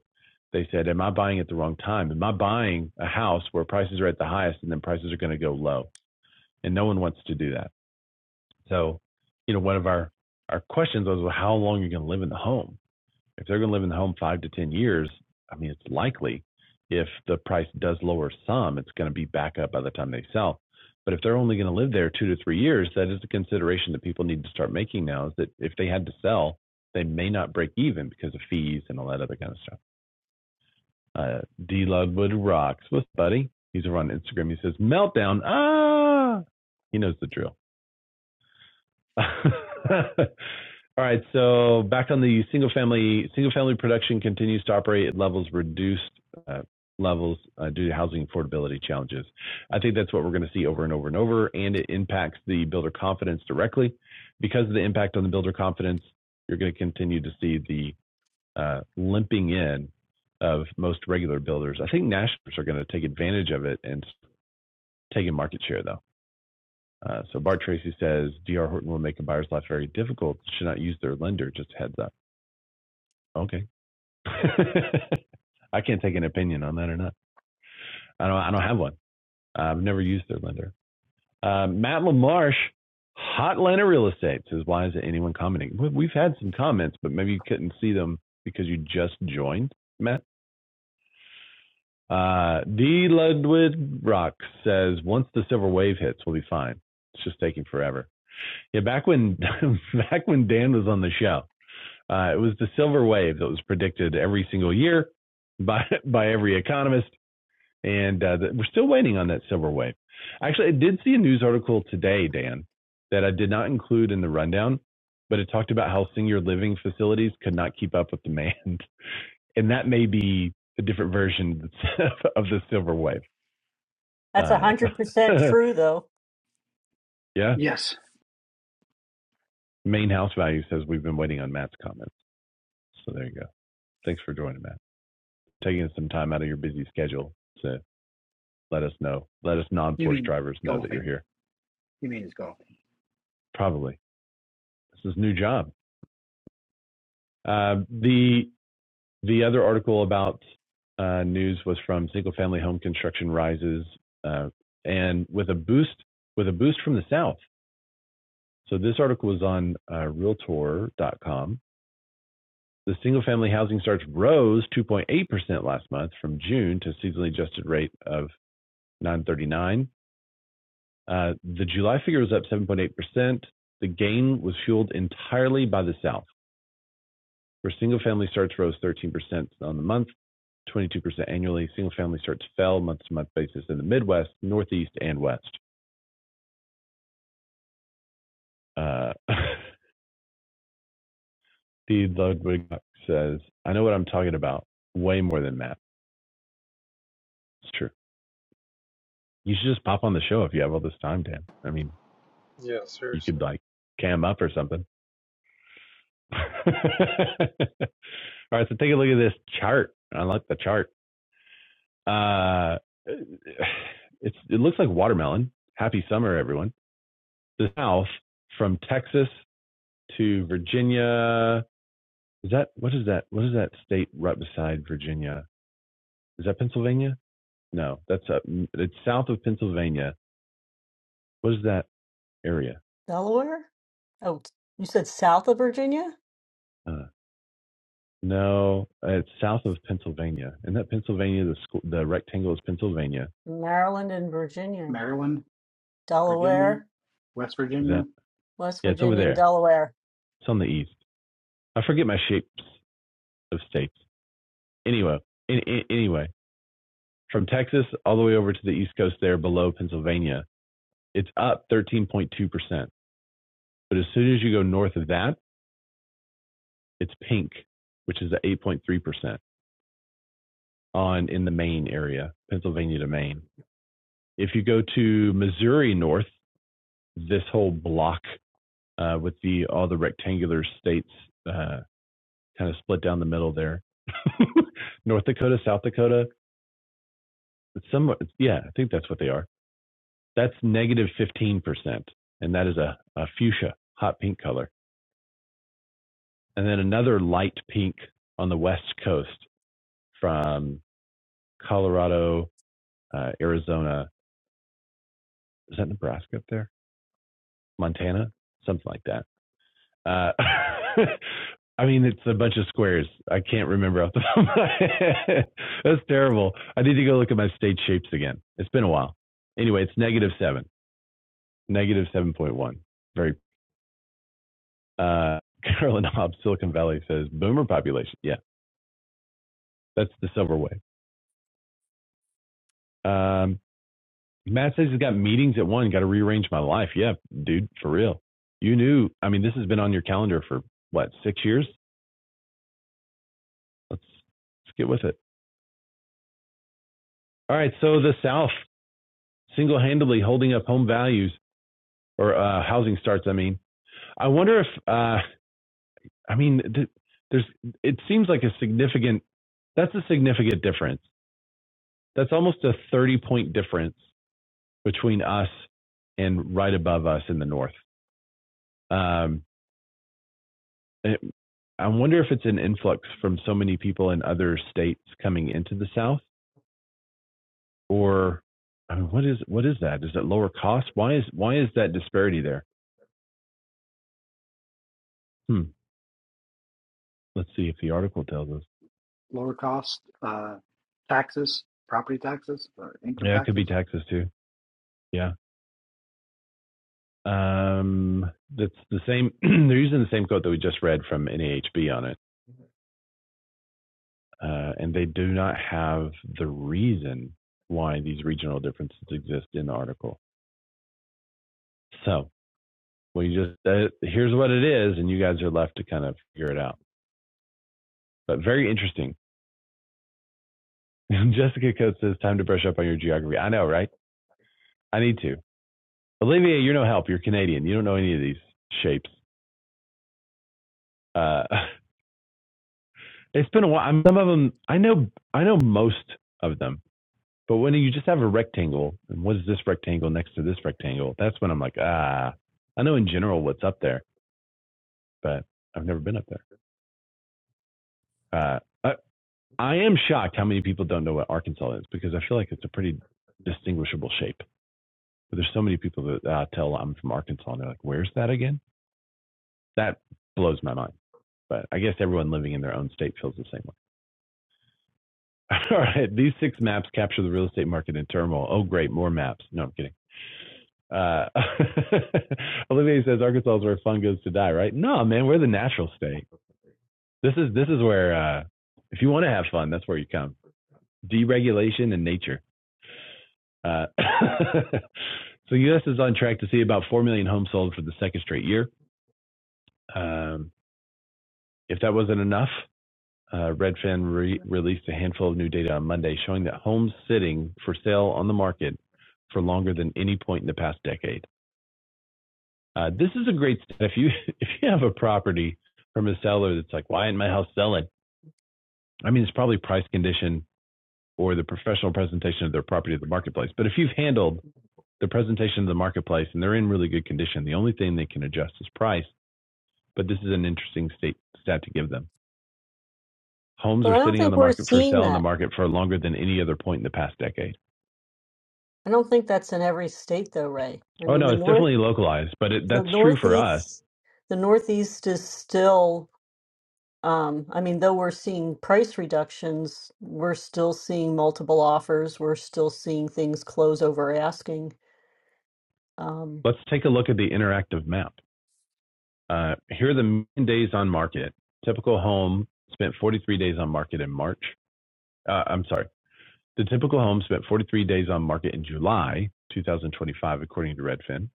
A: they said, "Am I buying at the wrong time? Am I buying a house where prices are at the highest and then prices are going to go low?" And no one wants to do that. So, you know, one of our our questions was, "Well, how long are you going to live in the home?" if they're going to live in the home five to 10 years, I mean, it's likely if the price does lower some, it's going to be back up by the time they sell. But if they're only going to live there two to three years, that is a consideration that people need to start making now is that if they had to sell, they may not break even because of fees and all that other kind of stuff. Uh, D Ludwood rocks. What's buddy? He's over on Instagram. He says, Meltdown. Ah, he knows the drill. All right. So back on the single family, single family production continues to operate at levels reduced uh, levels uh, due to housing affordability challenges. I think that's what we're going to see over and over and over, and it impacts the builder confidence directly. Because of the impact on the builder confidence, you're going to continue to see the uh, limping in of most regular builders. I think nationals are going to take advantage of it and taking market share though. Uh, so Bart Tracy says DR Horton will make a buyer's life very difficult. Should not use their lender. Just heads up. Okay. I can't take an opinion on that or not. I don't. I don't have one. Uh, I've never used their lender. Uh, Matt LaMarche, hot Atlanta real estate says, why isn't anyone commenting? We- We've had some comments, but maybe you couldn't see them because you just joined, Matt. Uh, D. Ludwig Rock says, once the silver wave hits, we'll be fine. It's just taking forever. Yeah, back when back when Dan was on the show, Uh, it was the silver wave that was predicted every single year by by every economist, and uh, that we're still waiting on that silver wave. Actually, I did see a news article today, Dan, that I did not include in the rundown, but it talked about how senior living facilities could not keep up with demand, and that may be a different version of the silver wave.
B: That's
A: Uh,
B: 100% true though.
A: yeah,
D: Yes,
A: main house value says we've been waiting on Matt's comments. So there you go. Thanks for joining, Matt. Taking some time out of your busy schedule to let us know. Let us
D: you
A: non-Porsche
D: mean
A: drivers know that you're
D: golfing?
A: here.
D: You mean it's golfing?
A: Probably this is a new job. Um, the the other article about uh, news was from single family home construction rises, uh, and with a boost with a boost from the south. So this article was on uh, Realtor dot com. The single family housing starts rose 2.8 percent last month from June to seasonally adjusted rate of 939. Uh, the July figure was up 7.8%. The gain was fueled entirely by the South, where single family starts rose 13% on the month, 22% annually. Single family starts fell month to month basis in the Midwest, Northeast, and West. Uh, Steve Ludwig says, I know what I'm talking about way more than Matt. It's true. You should just pop on the show if you have all this time, Dan. I mean,
E: Yeah,
A: you
E: seriously.
A: could like cam up or something. all right, so take a look at this chart. I like the chart. Uh, it's it looks like watermelon. Happy summer, everyone. The South from Texas to Virginia. Is that what is that? What is that state right beside Virginia? Is that Pennsylvania? No, that's up. It's south of Pennsylvania. What is that area?
B: Delaware? Oh, you said south of Virginia?
A: Uh, no, it's south of Pennsylvania. Isn't that Pennsylvania? The school, the rectangle is Pennsylvania.
B: Maryland and Virginia.
D: Maryland, Virginia,
B: Delaware,
D: West
A: Is
D: Virginia.
A: that?
B: West
A: Yeah, it's over
B: Virginia and
A: there.
B: Delaware.
A: It's on the east. I forget my shapes of states. Anyway, an- an- anyway, from Texas all the way over to the east coast there below Pennsylvania, it's up 13.2%. But as soon as you go north of that, it's pink, which is at 8.3% on in the Maine area, Pennsylvania to Maine. If you go to Missouri north, this whole block uh, with the all the rectangular states uh, kind of split down the middle there, North Dakota, South Dakota, it's somewhat, yeah, I think that's what they are. That's 15%, and that is a, a fuchsia, hot pink color. And then another light pink on the west coast from Colorado, uh, Arizona. Is that Nebraska up there? Montana? Something like that. Uh, I mean, it's a bunch of squares. I can't remember off the top of my head. That's terrible. I need to go look at my state shapes again. It's been a while. Anyway, it's negative seven, negative 7.1. Very Uh, Carolyn Hobbs, Silicon Valley says boomer population. Yeah, that's the silver wave. Um, Matt says he's got meetings at one. Got to rearrange my life. Yeah, dude, for real. You knew. I mean, this has been on your calendar for what six years? Let's let's get with it. All right. So the South single-handedly holding up home values or uh, housing starts. I mean, I wonder if uh, I mean th- there's. It seems like a significant. That's a significant difference. That's almost a 30 point difference between us and right above us in the north. Um, it, I wonder if it's an influx from so many people in other states coming into the South, or I mean, what is what is that? Is it lower cost? Why is why is that disparity there? Hmm. Let's see if the article tells us.
D: lower cost, uh, taxes, property taxes, or income
A: Yeah, it could be
D: taxes.
A: Texas too. Yeah. Um, that's the same. they're using the same quote that we just read from NAHB on it, uh, and they do not have the reason why these regional differences exist in the article. So we just uh, here's what it is, and you guys are left to kind of figure it out. But very interesting. Jessica Coates says, "Time to brush up on your geography." I know, right? I need to. Olivia, you're no help. You're Canadian. You don't know any of these shapes. Uh, it's been a while. I'm, some of them I know. I know most of them. But when you just have a rectangle, and what is this rectangle next to this rectangle? That's when I'm like, ah, I know in general what's up there, but I've never been up there. Uh, uh, I am shocked how many people don't know what Arkansas is because I feel like it's a pretty distinguishable shape. But there's so many people that uh, tell I'm from Arkansas and they're like, "Where's that again?" That blows my mind. But I guess everyone living in their own state feels the same way. All right, these six maps capture the real estate market in turmoil. Oh, great, more maps. No, I'm kidding. Uh, Olivier says Arkansas is where fun goes to die, right? No, man, we're the natural state. This is this is where uh, if you want to have fun, that's where you come. Deregulation and nature. Uh, so U.S. is on track to see about 4 million homes sold for the second straight year. Um, if that wasn't enough, uh, Redfin re- released a handful of new data on Monday showing that homes sitting for sale on the market for longer than any point in the past decade. Uh, this is a great stat. If you if you have a property from a seller that's like, why isn't my house selling? I mean, it's probably price condition or the professional presentation of their property to the marketplace. But if you've handled the presentation of the marketplace, and they're in really good condition. The only thing they can adjust is price, but this is an interesting state, stat to give them. Homes
B: But
A: are
B: I don't
A: sitting on
B: think
A: the
B: we're
A: market for
B: seeing
A: sale in
B: that.
A: the market for longer than any other point in the past decade.
B: I don't think that's in every state though, Ray. I
A: Oh,
B: mean,
A: no,
B: the
A: it's
B: north,
A: definitely localized, but it,
B: the
A: that's true for us.
B: northeast, the northeast is still, um, I mean, though we're seeing price reductions, we're still seeing multiple offers. We're still seeing things close over asking. Um,
A: Let's take a look at the interactive map. Uh, here are the mean days on market. Typical home spent 43 days on market in March. Uh, I'm sorry. The typical home spent 43 days on market in July 2025, according to Redfin,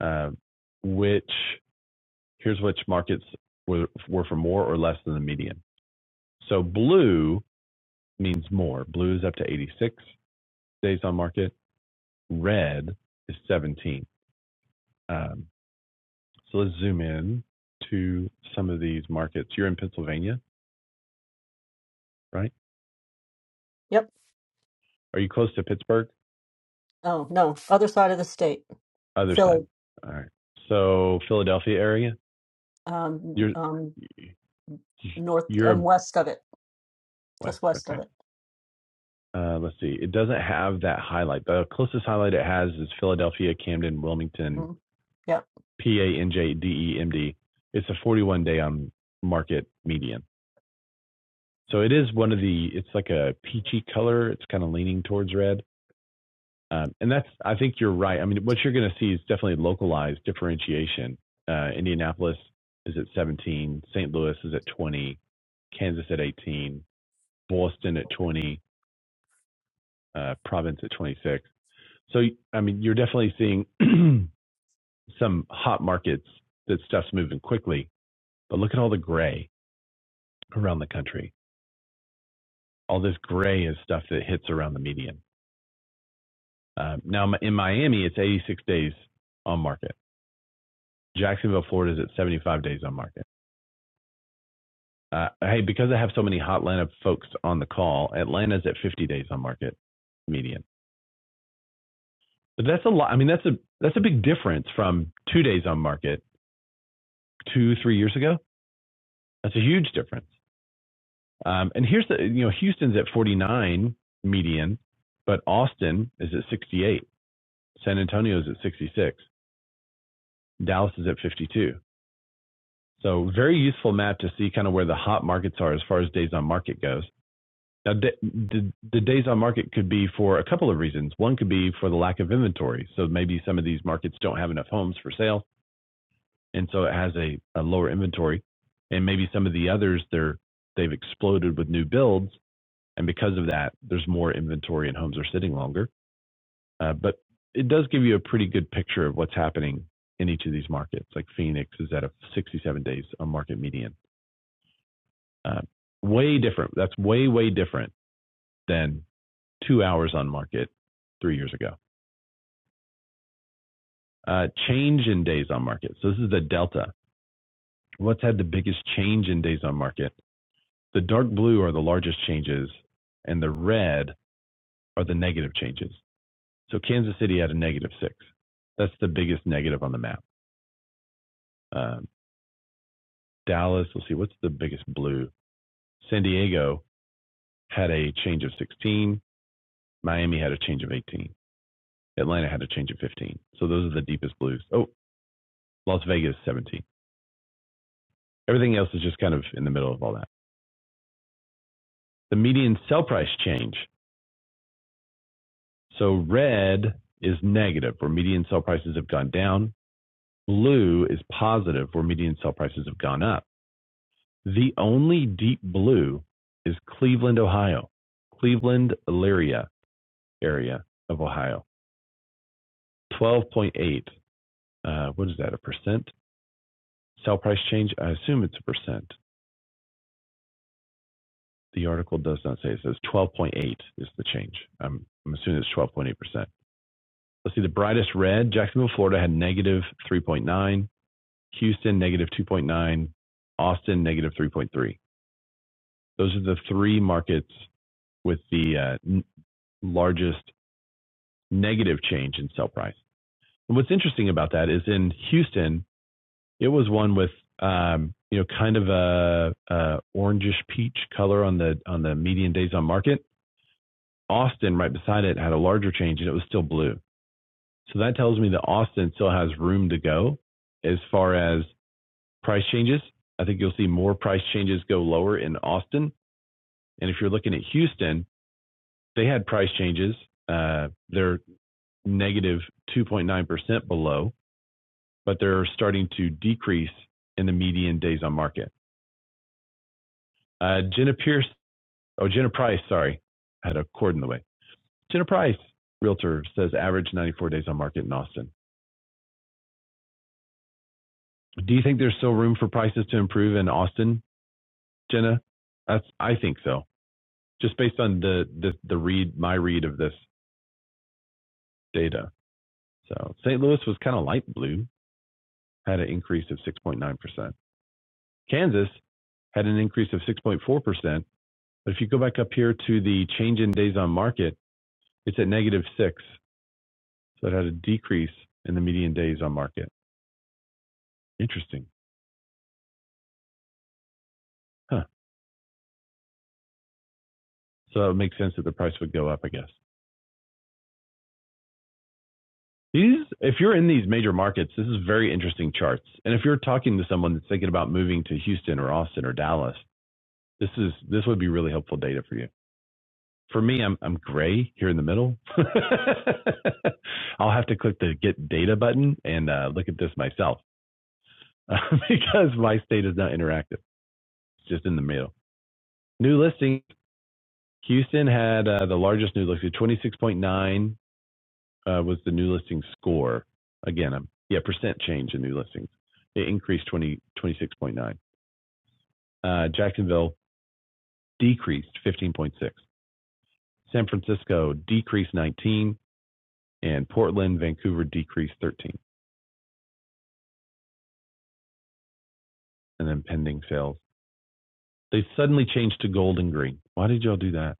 A: uh, which Here's which markets were, were for more or less than the median. So blue means more. Blue is up to 86 days on market. Red is 17. Um, so let's zoom in to some of these markets. You're in Pennsylvania, right?
B: yep.
A: Are you close to Pittsburgh?
B: Oh, no, other side of the state,
A: Other side.
B: Philly,
A: All right. So Philadelphia area.
B: um,
A: You're
B: um, north, um,
A: you're
B: west of it,
A: west.
B: just west
A: Okay.
B: of it.
A: Uh, let's see. It doesn't have that highlight. The closest highlight it has is Philadelphia, Camden, Wilmington,
B: hmm Yep.
A: P A N J D E M D. It's a 41 day on market median. So it is one of the, it's like a peachy color. It's kind of leaning towards red. Um, and that's, I think you're right. I mean, what you're going to see is definitely localized differentiation. Uh, Indianapolis is at 17, St. Louis is at 20, Kansas at 18, Boston at 20, uh, Province at 26. So, I mean, you're definitely seeing some hot markets that stuff's moving quickly, but look at all the gray around the country. All this gray is stuff that hits around the median. Uh, now in Miami, it's 86 days on market. Jacksonville, Florida is at 75 days on market. Uh, hey, because I have so many Hotlanta folks on the call, Atlanta's at 50 days on market median. But that's a lot. I mean, that's a that's a big difference from two days on market two three years ago. That's a huge difference. Um, and here's the you know Houston's at 49 median, but Austin is at 68. San Antonio's at 66. Dallas is at 52. So very useful map to see kind of where the hot markets are as far as days on market goes. Now, the, the, the days on market could be for a couple of reasons. One could be for the lack of inventory. So maybe some of these markets don't have enough homes for sale, and so it has a, a lower inventory. And maybe some of the others, they're they've exploded with new builds, and because of that, there's more inventory and homes are sitting longer. Uh, but it does give you a pretty good picture of what's happening in each of these markets. Like Phoenix is at a 67 days on market median. Uh, way different. That's way, way different than two hours on market three years ago. Uh, change in days on market. So this is the delta. What's had the biggest change in days on market? The dark blue are the largest changes, and the red are the negative changes. So Kansas City had a negative six. That's the biggest negative on the map. Um, Dallas, let's see, what's the biggest blue? San Diego had a change of 16. Miami had a change of 18. Atlanta had a change of 15. So those are the deepest blues. Oh, Las Vegas, 17. Everything else is just kind of in the middle of all that. The median sell price change. So red is negative, where median sell prices have gone down. Blue is positive, where median sell prices have gone up. The only deep blue is Cleveland, Ohio, Cleveland, Elyria area of Ohio. 12.8. Uh, what is that? A percent sell price change? I assume it's a percent. The article does not say. It says 12.8 is the change. I'm, I'm assuming it's 12.8 percent. Let's see. The brightest red. Jacksonville, Florida had negative 3.9. Houston negative 2.9. Austin negative 3.3. Those are the three markets with the uh, n- largest negative change in sell price. And what's interesting about that is in Houston, It was one with um, you know kind of a, a orangish peach color on the on the median days on market. Austin right beside it had a larger change and it was still blue. So that tells me that Austin still has room to go as far as price changes. I think you'll see more price changes go lower in Austin. And if you're looking at Houston, they had price changes. Uh, they're 2.9% below, but they're starting to decrease in the median days on market. Uh, Jenna Pierce Oh, Jenna Price, sorry. I had a cord in the way. Jenna Price, realtor, says average 94 days on market in Austin. Do you think there's still room for prices to improve in Austin, Jenna? That's I think so. Just based on the the, the read my read of this data. So St. Louis was kind of light blue, had an increase of 6.9%. Kansas had an increase of 6.4%. But if you go back up here to the change in days on market, it's at negative six. So it had a decrease in the median days on market. Interesting. Huh. So it makes sense that the price would go up, I guess. These, if you're in these major markets, this is very interesting charts. And if you're talking to someone that's thinking about moving to Houston or Austin or Dallas, this is this would be really helpful data for you. For me, I'm I'm gray here in the middle. I'll have to click the get data button and uh, look at this myself uh, because my state is not interactive. It's just in the middle. New listing. Houston had uh, the largest new listing, 26.9 uh, was the new listing score. Again, um, yeah, percent change in new listings. It increased 20, 26.9. Uh, Jacksonville decreased 15.6. San Francisco decreased 19, and Portland, Vancouver decreased 13. And then pending sales, they suddenly changed to gold and green. Why did y'all do that?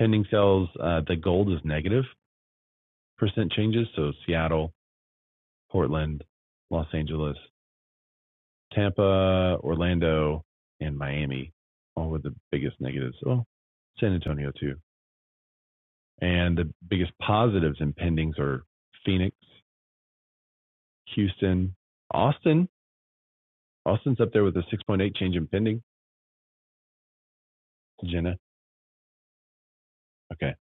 A: Pending sales, uh, the gold is negative percent changes. So Seattle, Portland, Los Angeles, Tampa, Orlando, and Miami, all were the biggest negatives. Oh, San Antonio too. And the biggest positives and pendings are Phoenix, Houston, Austin. Austin's up there with a 6.8 change in pending. Jenna. Okay.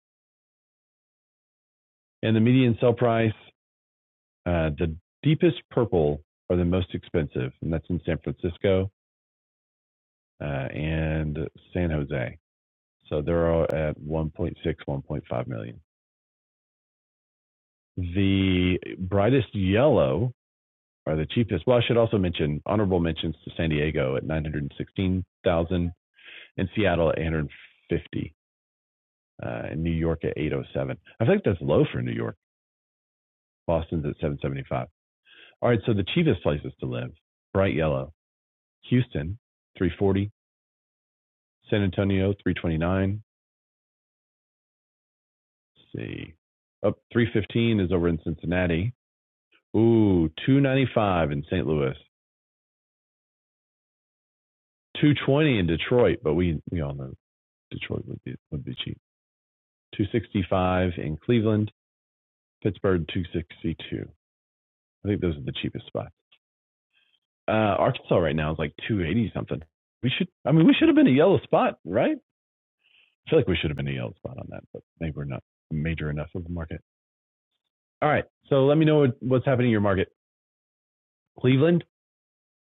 A: And the median sell price, uh, the deepest purple are the most expensive, and that's in San Francisco uh, and San Jose. So they're all at 1.6, 1.5 million. The brightest yellow are the cheapest. Well, I should also mention honorable mentions to San Diego at 916,000 and Seattle at 850 uh, and New York at 807. I think that's low for New York. Boston's at 775. All right, so the cheapest places to live, bright yellow, Houston 340, San Antonio 329. Let's see. Up 315 is over in Cincinnati. Ooh, 295 in St. Louis. 220 in Detroit, but we we all know Detroit would be would be cheap. 265 in Cleveland, Pittsburgh 262. I think those are the cheapest spots. Uh, Arkansas right now is like 280 something. We should, I mean, we should have been a yellow spot, right? I feel like we should have been a yellow spot on that, but maybe we're not major enough of the market. All right. So let me know what, what's happening in your market. Cleveland?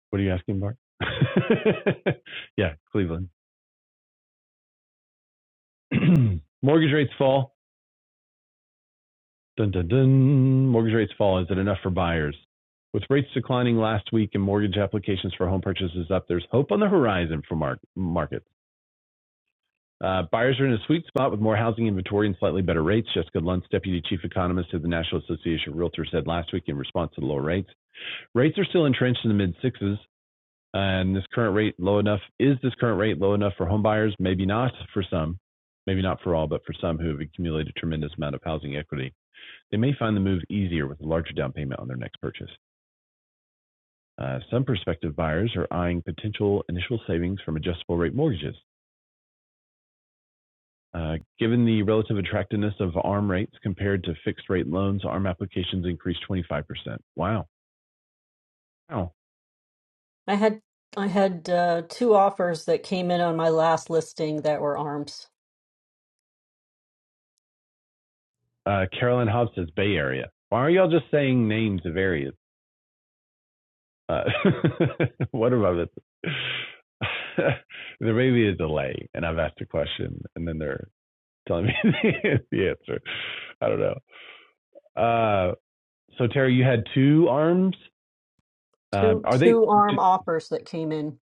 A: What are you asking, Bart? yeah, Cleveland. Mortgage rates fall. Dun, dun, dun. Mortgage rates fall. Is it enough for buyers? With rates declining last week and mortgage applications for home purchases up, there's hope on the horizon for mar- markets. Uh, buyers are in a sweet spot with more housing inventory and slightly better rates. Jessica Luntz, deputy chief economist of the National Association of Realtors, said last week in response to the lower rates. Rates are still entrenched in the mid sixes, and this current rate low enough. Is this current rate low enough for home buyers? Maybe not for some, maybe not for all, but for some who have accumulated a tremendous amount of housing equity. They may find the move easier with a larger down payment on their next purchase. Uh, some prospective buyers are eyeing potential initial savings from adjustable rate mortgages. Uh, given the relative attractiveness of ARM rates compared to fixed rate loans, ARM applications increased 25%. Wow. Wow.
B: I had, I had, uh, two offers that came in on my last listing that were arms.
A: Uh, Carolyn Hobbs says Bay Area. Why are y'all just saying names of areas? Uh, what about it? there may be a delay, and I've asked a question, and then they're telling me the answer. I don't know. Uh, So Terry, you had two arms. Um,
B: Two
A: are they?
B: two
A: Do
B: arm offers that came in.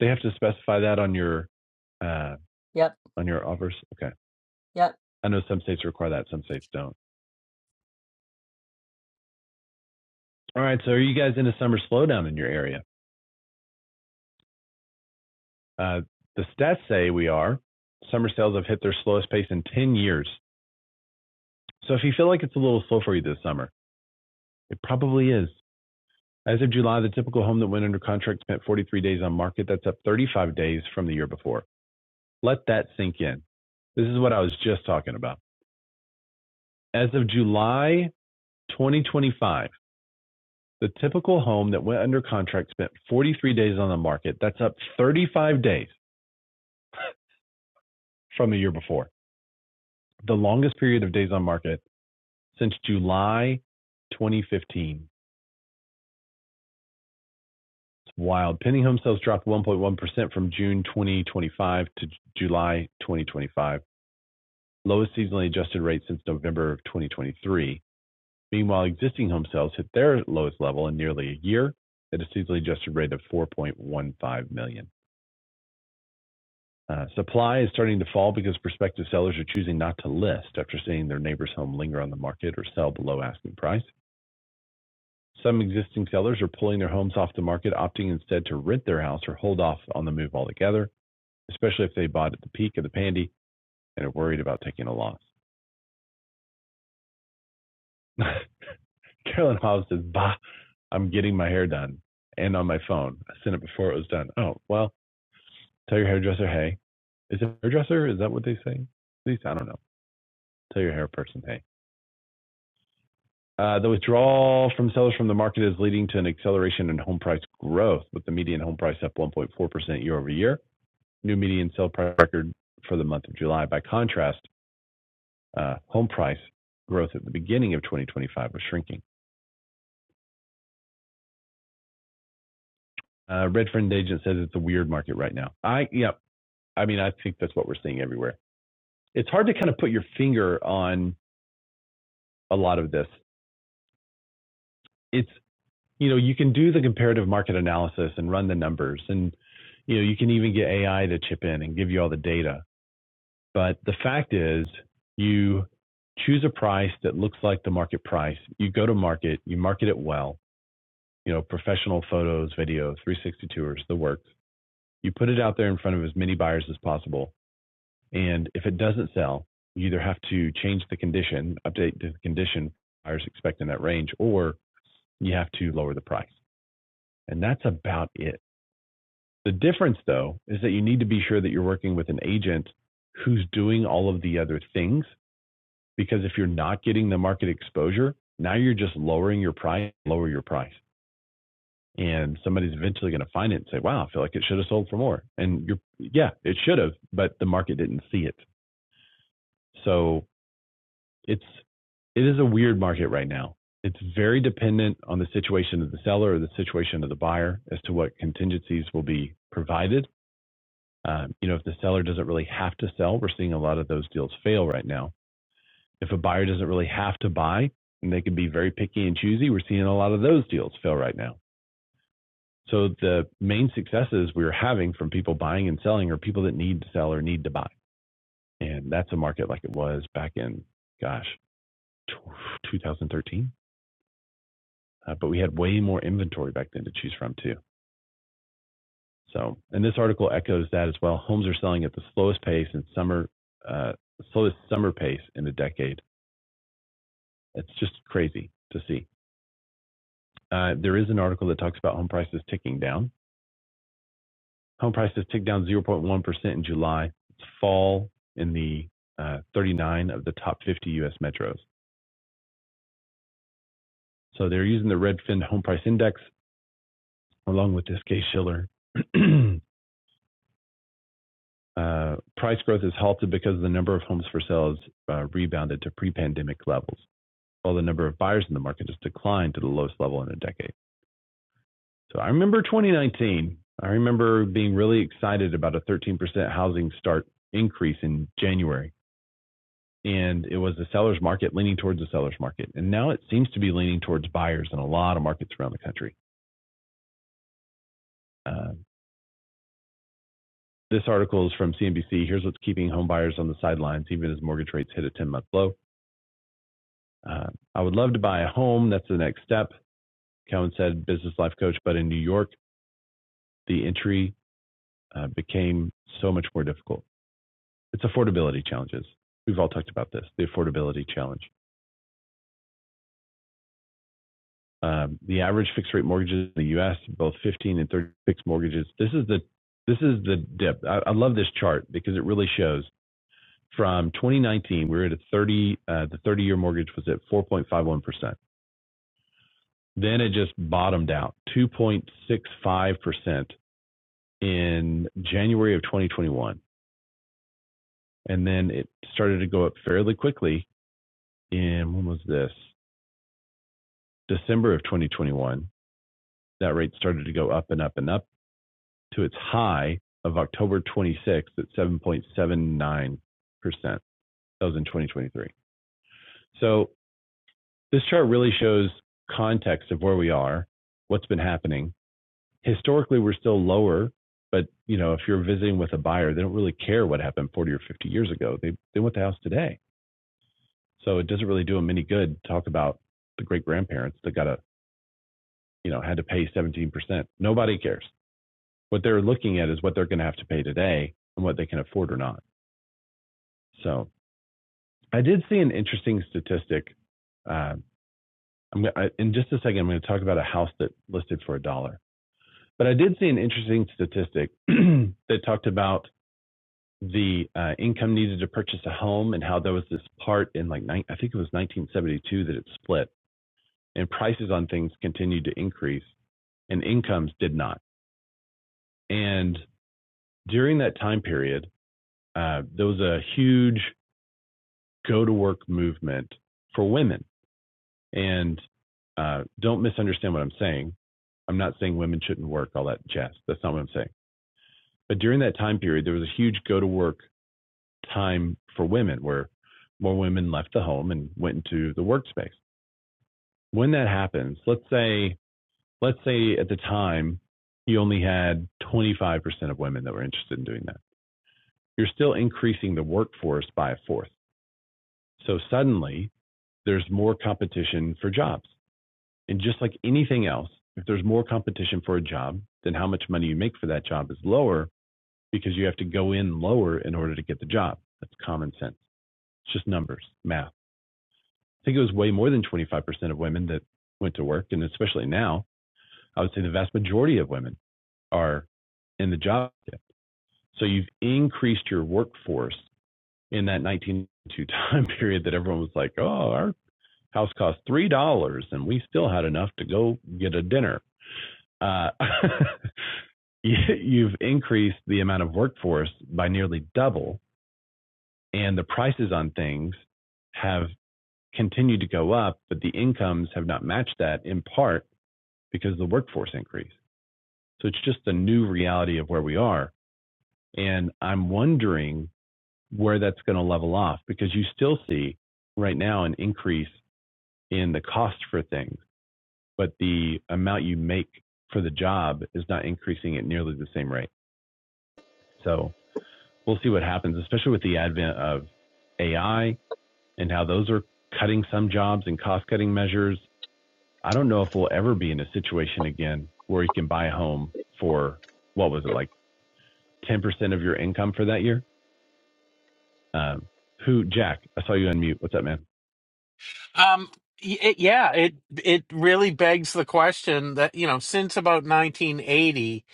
A: they have to specify that on your uh,
B: Yep,
A: on your offers? Okay.
B: yep.
A: I know some states require that, some states don't. All right. So are you guys in a summer slowdown in your area? Uh, the stats say we are. Summer sales have hit their slowest pace in 10 years. So if you feel like it's a little slow for you this summer, it probably is. As of July, the typical home that went under contract spent 43 days on market. That's up 35 days from the year before. Let that sink in. This is what I was just talking about. As of July 2025, the typical home that went under contract spent 43 days on the market. That's up 35 days from the year before. The longest period of days on market since July 2015. It's wild. Pending home sales dropped 1.1% from June 2025 to July 2025, lowest seasonally adjusted rate since November of 2023. Meanwhile, existing home sales hit their lowest level in nearly a year at a seasonally adjusted rate of 4.15 million. Uh, Supply is starting to fall because prospective sellers are choosing not to list after seeing their neighbor's home linger on the market or sell below asking price. Some existing sellers are pulling their homes off the market, opting instead to rent their house or hold off on the move altogether, especially if they bought at the peak of the pandy and are worried about taking a loss. Carolyn Hobbs says, Bah, I'm getting my hair done and on my phone. I sent it before it was done. Oh, well, tell your hairdresser, hey. Is it hairdresser? Is that what they say? At least, I don't know. Tell your hair person, hey. Uh, The withdrawal from sellers from the market is leading to an acceleration in home price growth, with the median home price up 1.4% year-over-year. New median sale price record for the month of July. By contrast, uh, home price growth at the beginning of 2025 was shrinking. Uh, Redfin agent says it's a weird market right now. I yeah, I mean, I think that's what we're seeing everywhere. It's hard to kind of put your finger on a lot of this. It's you know, you can do the comparative market analysis and run the numbers and you know, you can even get AI to chip in and give you all the data. But the fact is you choose a price that looks like the market price. You go to market, you market it well, you know, professional photos, video, 360 tours, the works. You put it out there in front of as many buyers as possible. And if it doesn't sell, you either have to change the condition, update the condition buyers expect in that range, or you have to lower the price. And that's about it. The difference, though, is that you need to be sure that you're working with an agent who's doing all of the other things. Because if you're not getting the market exposure, now you're just lowering your price, lower your price. And somebody's eventually going to find it and say, wow, I feel like it should have sold for more. And you're, yeah, it should have, but the market didn't see it. So it's, it is a weird market right now. It's very dependent on the situation of the seller or the situation of the buyer as to what contingencies will be provided Um, you know, if the seller doesn't really have to sell, we're seeing a lot of those deals fail right now. If a buyer doesn't really have to buy and they can be very picky and choosy, we're seeing a lot of those deals fail right now. So the main successes we're having from people buying and selling are people that need to sell or need to buy. And that's a market like it was back in, gosh, 2013. Uh, but we had way more inventory back then to choose from too. So, and this article echoes that as well. Homes are selling at the slowest pace and summer, uh, slowest summer pace in a decade It's just crazy to see. Uh, there is an article that talks about home prices ticking down. Home prices ticked down 0.1% in July. It's fall in the uh, 39 of the top 50 U.S. metros. So they're using the Redfin Home Price Index along with this case Schiller. uh, price growth is halted because the number of homes for sale has uh, rebounded to pre-pandemic levels, while the number of buyers in the market has declined to the lowest level in a decade. So I remember 2019. I remember being really excited about a 13% housing start increase in January. And it was the seller's market leaning towards the seller's market. And now it seems to be leaning towards buyers in a lot of markets around the country. Uh, this article is from CNBC. Here's what's keeping home buyers on the sidelines, even as mortgage rates hit a 10 month low. Uh, I would love to buy a home. That's the next step. Cohen said, business life coach. But in New York, the entry uh, became so much more difficult. it's affordability challenges. We've all talked about this, the affordability challenge. Um, the average fixed rate mortgages in the U.S., both 15 and 30 fixed mortgages. This is the this is the dip. I, I love this chart because it really shows from 2019 we were at a 30 uh, the 30 year mortgage was at 4.51 percent. Then it just bottomed out 2.65 percent in January of 2021, and then it started to go up fairly quickly in when was this December of 2021 that rate started to go up and up and up to its high of October 26th at 7.79%. That was in 2023. So this chart really shows context of where we are, what's been happening. Historically, we're still lower, but you know, if you're visiting with a buyer, they don't really care what happened 40 or 50 years ago. They they want the house today. So it doesn't really do them any good to talk about the great grandparents that got a you know had to pay 17%. Nobody cares. what they're looking at is what they're going to have to pay today and what they can afford or not. So I did see an interesting statistic. Uh, I'm, I, in just a second, I'm going to talk about a house that listed for a dollar. But I did see an interesting statistic that talked about the uh, income needed to purchase a home and how there was this part in like I think it was 1972 that it split and prices on things continued to increase and incomes did not. And during that time period, uh, there was a huge go to work movement for women. And uh, don't misunderstand what I'm saying. I'm not saying women shouldn't work, all that jazz. That's not what I'm saying. But during that time period, there was a huge go to work time for women where more women left the home and went into the workspace. When that happens, let's say, let's say at the time you only had 25% of women that were interested in doing that. You're still increasing the workforce by a fourth. So suddenly there's more competition for jobs. And just like anything else, if there's more competition for a job, then how much money you make for that job is lower because you have to go in lower in order to get the job. That's common sense. It's just numbers, math. I think it was way more than 25% of women that went to work. And especially now, I would say the vast majority of women are in the job. So you've increased your workforce in that 1992 time period that everyone was like, oh, our house cost $3 and we still had enough to go get a dinner. Uh, you, you've increased the amount of workforce by nearly double, and the prices on things have continued to go up, but the incomes have not matched that in part because of the workforce increase. So it's just the new reality of where we are. And I'm wondering where that's going to level off because you still see right now an increase in the cost for things, but the amount you make for the job is not increasing at nearly the same rate. So we'll see what happens, especially with the advent of AI and how those are cutting some jobs and cost cutting measures. I don't know if we'll ever be in a situation again where you can buy a home for what was it like 10% of your income for that year? Um, who, Jack, I saw you unmute. What's up, man?
F: Um, y- it, yeah, it it really begs the question that you know since about 1980,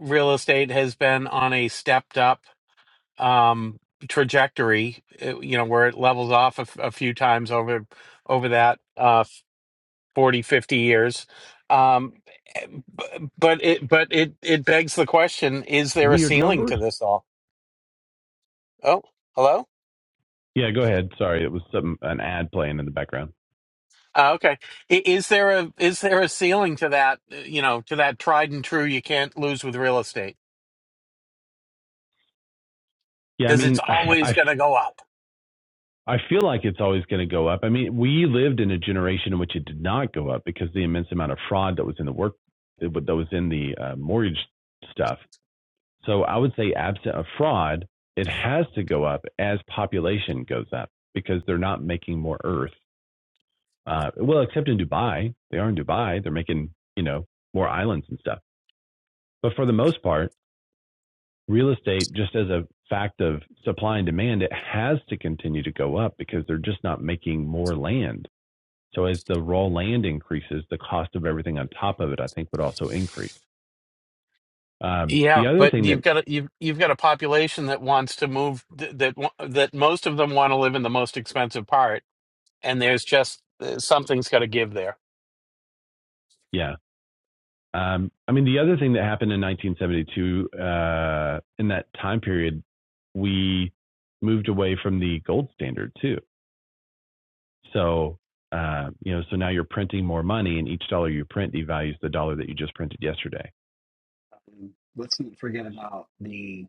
F: real estate has been on a stepped up um, trajectory. uh, You know where it levels off a, f- a few times over over that uh, 40, 50 years um b- but it but it it begs the question is there a
A: Weird
F: ceiling to
A: numbers.
F: this all oh hello
A: Yeah, go ahead. Sorry, it was some an ad playing in the background.
F: uh, okay I- is there a is there a ceiling to that uh, you know to that tried and true you can't lose with real estate
A: Yeah, I
F: because it's
A: mean, I,
F: always
A: I
F: going to go up
A: I feel like it's always going to go up. I mean, we lived in a generation in which it did not go up because the immense amount of fraud that was in the work that was in the uh, mortgage stuff. So I would say, absent of fraud, it has to go up as population goes up because they're not making more Earth. Uh, well, except in Dubai, they are in Dubai. They're making you know more islands and stuff. But for the most part, real estate, just as a fact of supply and demand, it has to continue to go up because they're just not making more land. So as the raw land increases, the cost of everything on top of it, I think, would also increase. Um, the
F: yeah
A: other
F: but
A: thing that,
F: you've got a you've, you've got a population that wants to move th- that wa- that most of them want to live in the most expensive part and there's just uh, something's got to give there
A: yeah, um, I mean, the other thing that happened in 1972, uh, in that time period, we moved away from the gold standard too. So, uh, you know, so now you're printing more money, and each dollar you print devalues the dollar that you just printed yesterday.
D: Um, let's not forget about the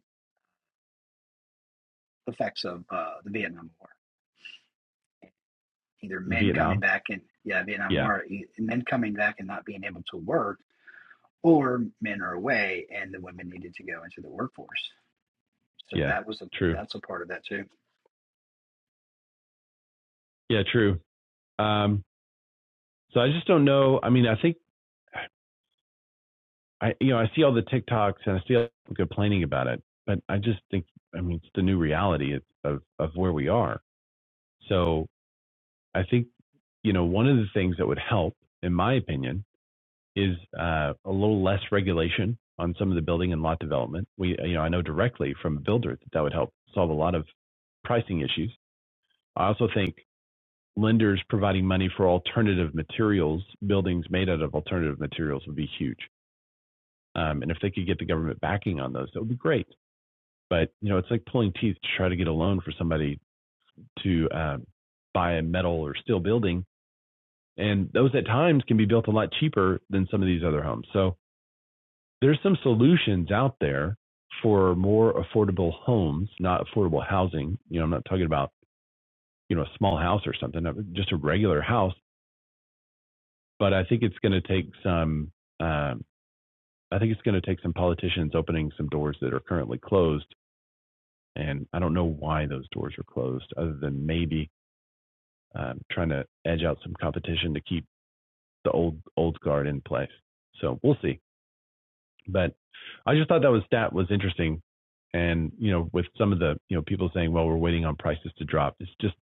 D: effects of uh, the Vietnam War. Either men coming
A: Vietnam,
D: back and yeah, Vietnam
A: yeah,
D: War, e- men coming back and not being able to work, or men are away and the women needed to go into the workforce. So
A: yeah,
D: that was a
A: true,
D: that's a part of that too.
A: yeah, true. Um, so I just don't know. I mean, I think I you know I see all the TikToks and I see all the complaining about it, but I just think I mean it's the new reality of of of where we are. So I think you know one of the things that would help, in my opinion, is uh, a little less regulation on some of the building and lot development. We you know I know directly from a builder that that would help solve a lot of pricing issues. I also think lenders providing money for alternative materials, buildings made out of alternative materials would be huge. Um, and if they could get the government backing on those, that would be great. But you know, it's like pulling teeth to try to get a loan for somebody to um, buy a metal or steel building, and those at times can be built a lot cheaper than some of these other homes. So there's some solutions out there for more affordable homes, not affordable housing. You know, I'm not talking about you know a small house or something, uh, just a regular house. But I think it's going to take some. Um, I think it's going to take some politicians opening some doors that are currently closed, and I don't know why those doors are closed, other than maybe um, trying to edge out some competition to keep the old old guard in place. So we'll see. But I just thought that was stat was interesting, and you know, with some of the you know people saying, well, we're waiting on prices to drop. It's just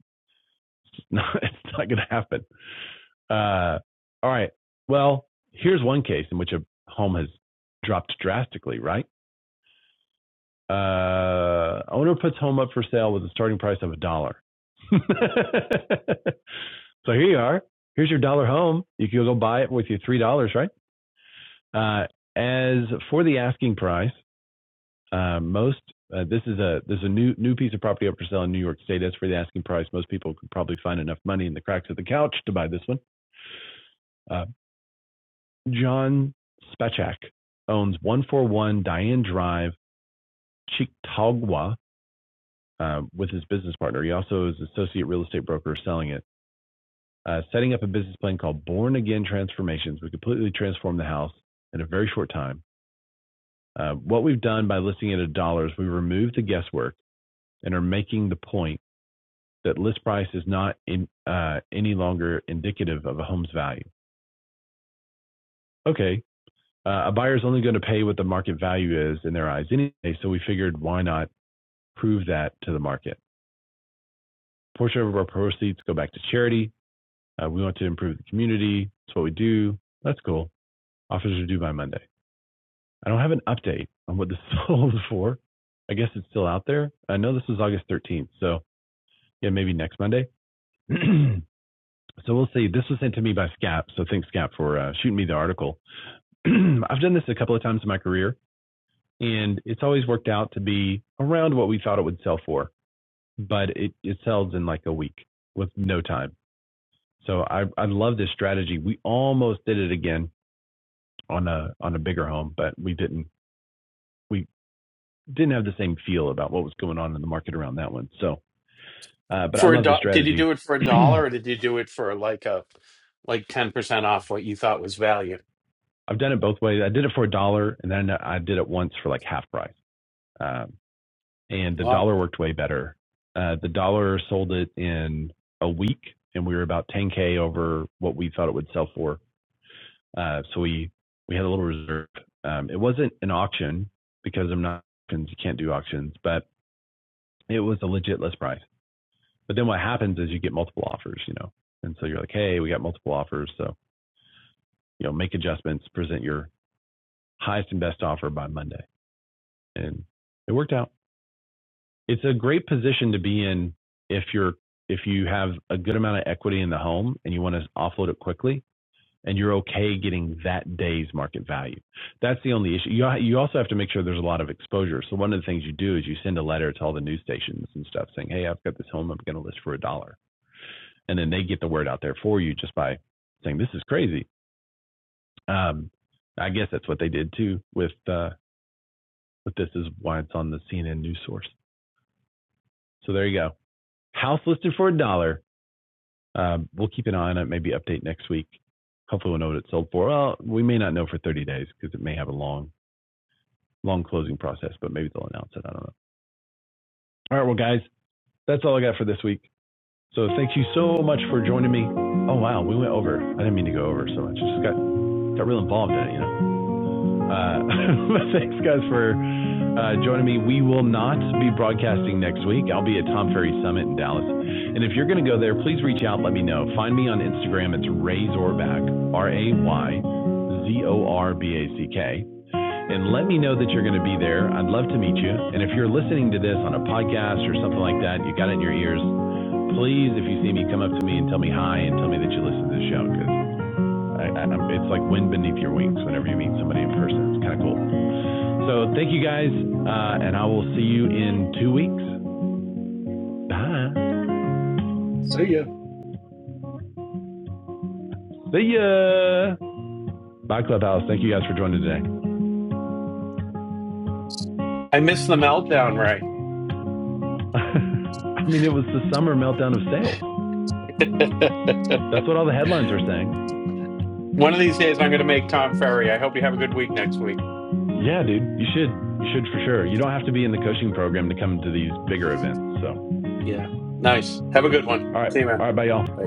A: it's just not it's not going to happen. Uh, all right. Well, here's one case in which a home has dropped drastically. Right. Uh, owner puts home up for sale with a starting price of a dollar. So here you are. Here's your dollar home. You can go buy it with your three dollars, right? Uh, as for the asking price, uh, most uh, this is a there's a new new piece of property up for sale in New York State. As for the asking price, most people could probably find enough money in the cracks of the couch to buy this one. Uh, John Spechak owns 141 Diane Drive, Cheektowaga, uh, with his business partner. He also is associate real estate broker selling it. uh, setting up a business plan called Born Again Transformations. We completely transformed the house in a very short time. Uh, what we've done by listing it at dollars, we removed the guesswork and are making the point that list price is not in, uh, any longer indicative of a home's value. Okay, uh, a buyer's only going to pay what the market value is in their eyes anyway, so we figured why not prove that to the market. A portion of our proceeds go back to charity. Uh, we want to improve the community. That's what we do. That's cool. Offers are due by Monday. I don't have an update on what this is sold for. I guess it's still out there. I know this was August 13th, so yeah, maybe next Monday. so we'll see. This was sent to me by Scap, so thanks Scap for uh, shooting me the article. I've done this a couple of times in my career, and it's always worked out to be around what we thought it would sell for, but it, it sells in like a week with no time. So I I love this strategy. We almost did it again on a on a bigger home, but we didn't. We didn't have the same feel about what was going on in the market around that one. So, uh, but I
F: For a
A: love the
F: do- did you
A: strategy.
F: do it for a dollar or
A: I've
F: did you do it for like a like 10% off what you thought was value?
A: done it both ways. I did it for a dollar, and then I did it once for like half price. Um, and the
F: Wow.
A: dollar worked way better. Uh, the dollar sold it in a week, and we were about 10k over what we thought it would sell for. Uh, so we we had a little reserve. Um, it wasn't an auction because I'm not you can't do auctions, but it was a legit list price. But then what happens is you get multiple offers, you know, and so you're like, hey, we got multiple offers, so you know, make adjustments, present your highest and best offer by Monday, and it worked out. It's a great position to be in if you're if you have a good amount of equity in the home and you want to offload it quickly and you're okay getting that day's market value. That's the only issue. You you also have to make sure there's a lot of exposure. So one of the things you do is you send a letter to all the news stations and stuff saying, "Hey, I've got this home I'm going to list for a dollar." and then they get the word out there for you just by saying this is crazy. Um, I guess that's what they did too with uh, with this is why it's on the CNN news source. So there you go. House listed for a dollar. Um, we'll keep an eye on it. Maybe update next week. Hopefully we'll know what it sold for. Well, we may not know for 30 days because it may have a long long closing process, but maybe they'll announce it. I don't know. All right, well guys, that's all I got for this week. So thank you so much for joining me. Oh wow, we went over. I didn't mean to go over so much. I Just got got real involved in it, you know. Uh, thanks, guys, for uh, joining me. We will not be broadcasting next week. I'll be at Tom Ferry Summit in Dallas. And if you're going to go there, please reach out. Let me know. Find me on Instagram. It's Ray Zorback, R A Y Z O R B A C K. And let me know that you're going to be there. I'd love to meet you. And if you're listening to this on a podcast or something like that, you got it in your ears. Please, if you see me, come up to me and tell me hi and tell me that you listen to the show I, I, it's like wind beneath your wings whenever you meet somebody in person. It's kind of cool. So thank you guys, uh, and I will see you in two weeks. Bye.
D: So yeah.
A: See ya. Bye, Clubhouse. Thank you guys for joining today.
F: I missed the meltdown, right?
A: I mean, it was the summer meltdown of sales. That's what all the headlines are saying.
F: One of these days I'm going to make Tom Ferry. I hope you have a good week next week.
A: Yeah, dude, you should. You should for sure. You don't have to be in the coaching program to come to these bigger events. So,
F: Yeah. Nice. Have a good one.
A: all right.
F: See you,
A: All
F: man.
A: right. Bye, y'all.
F: Bye.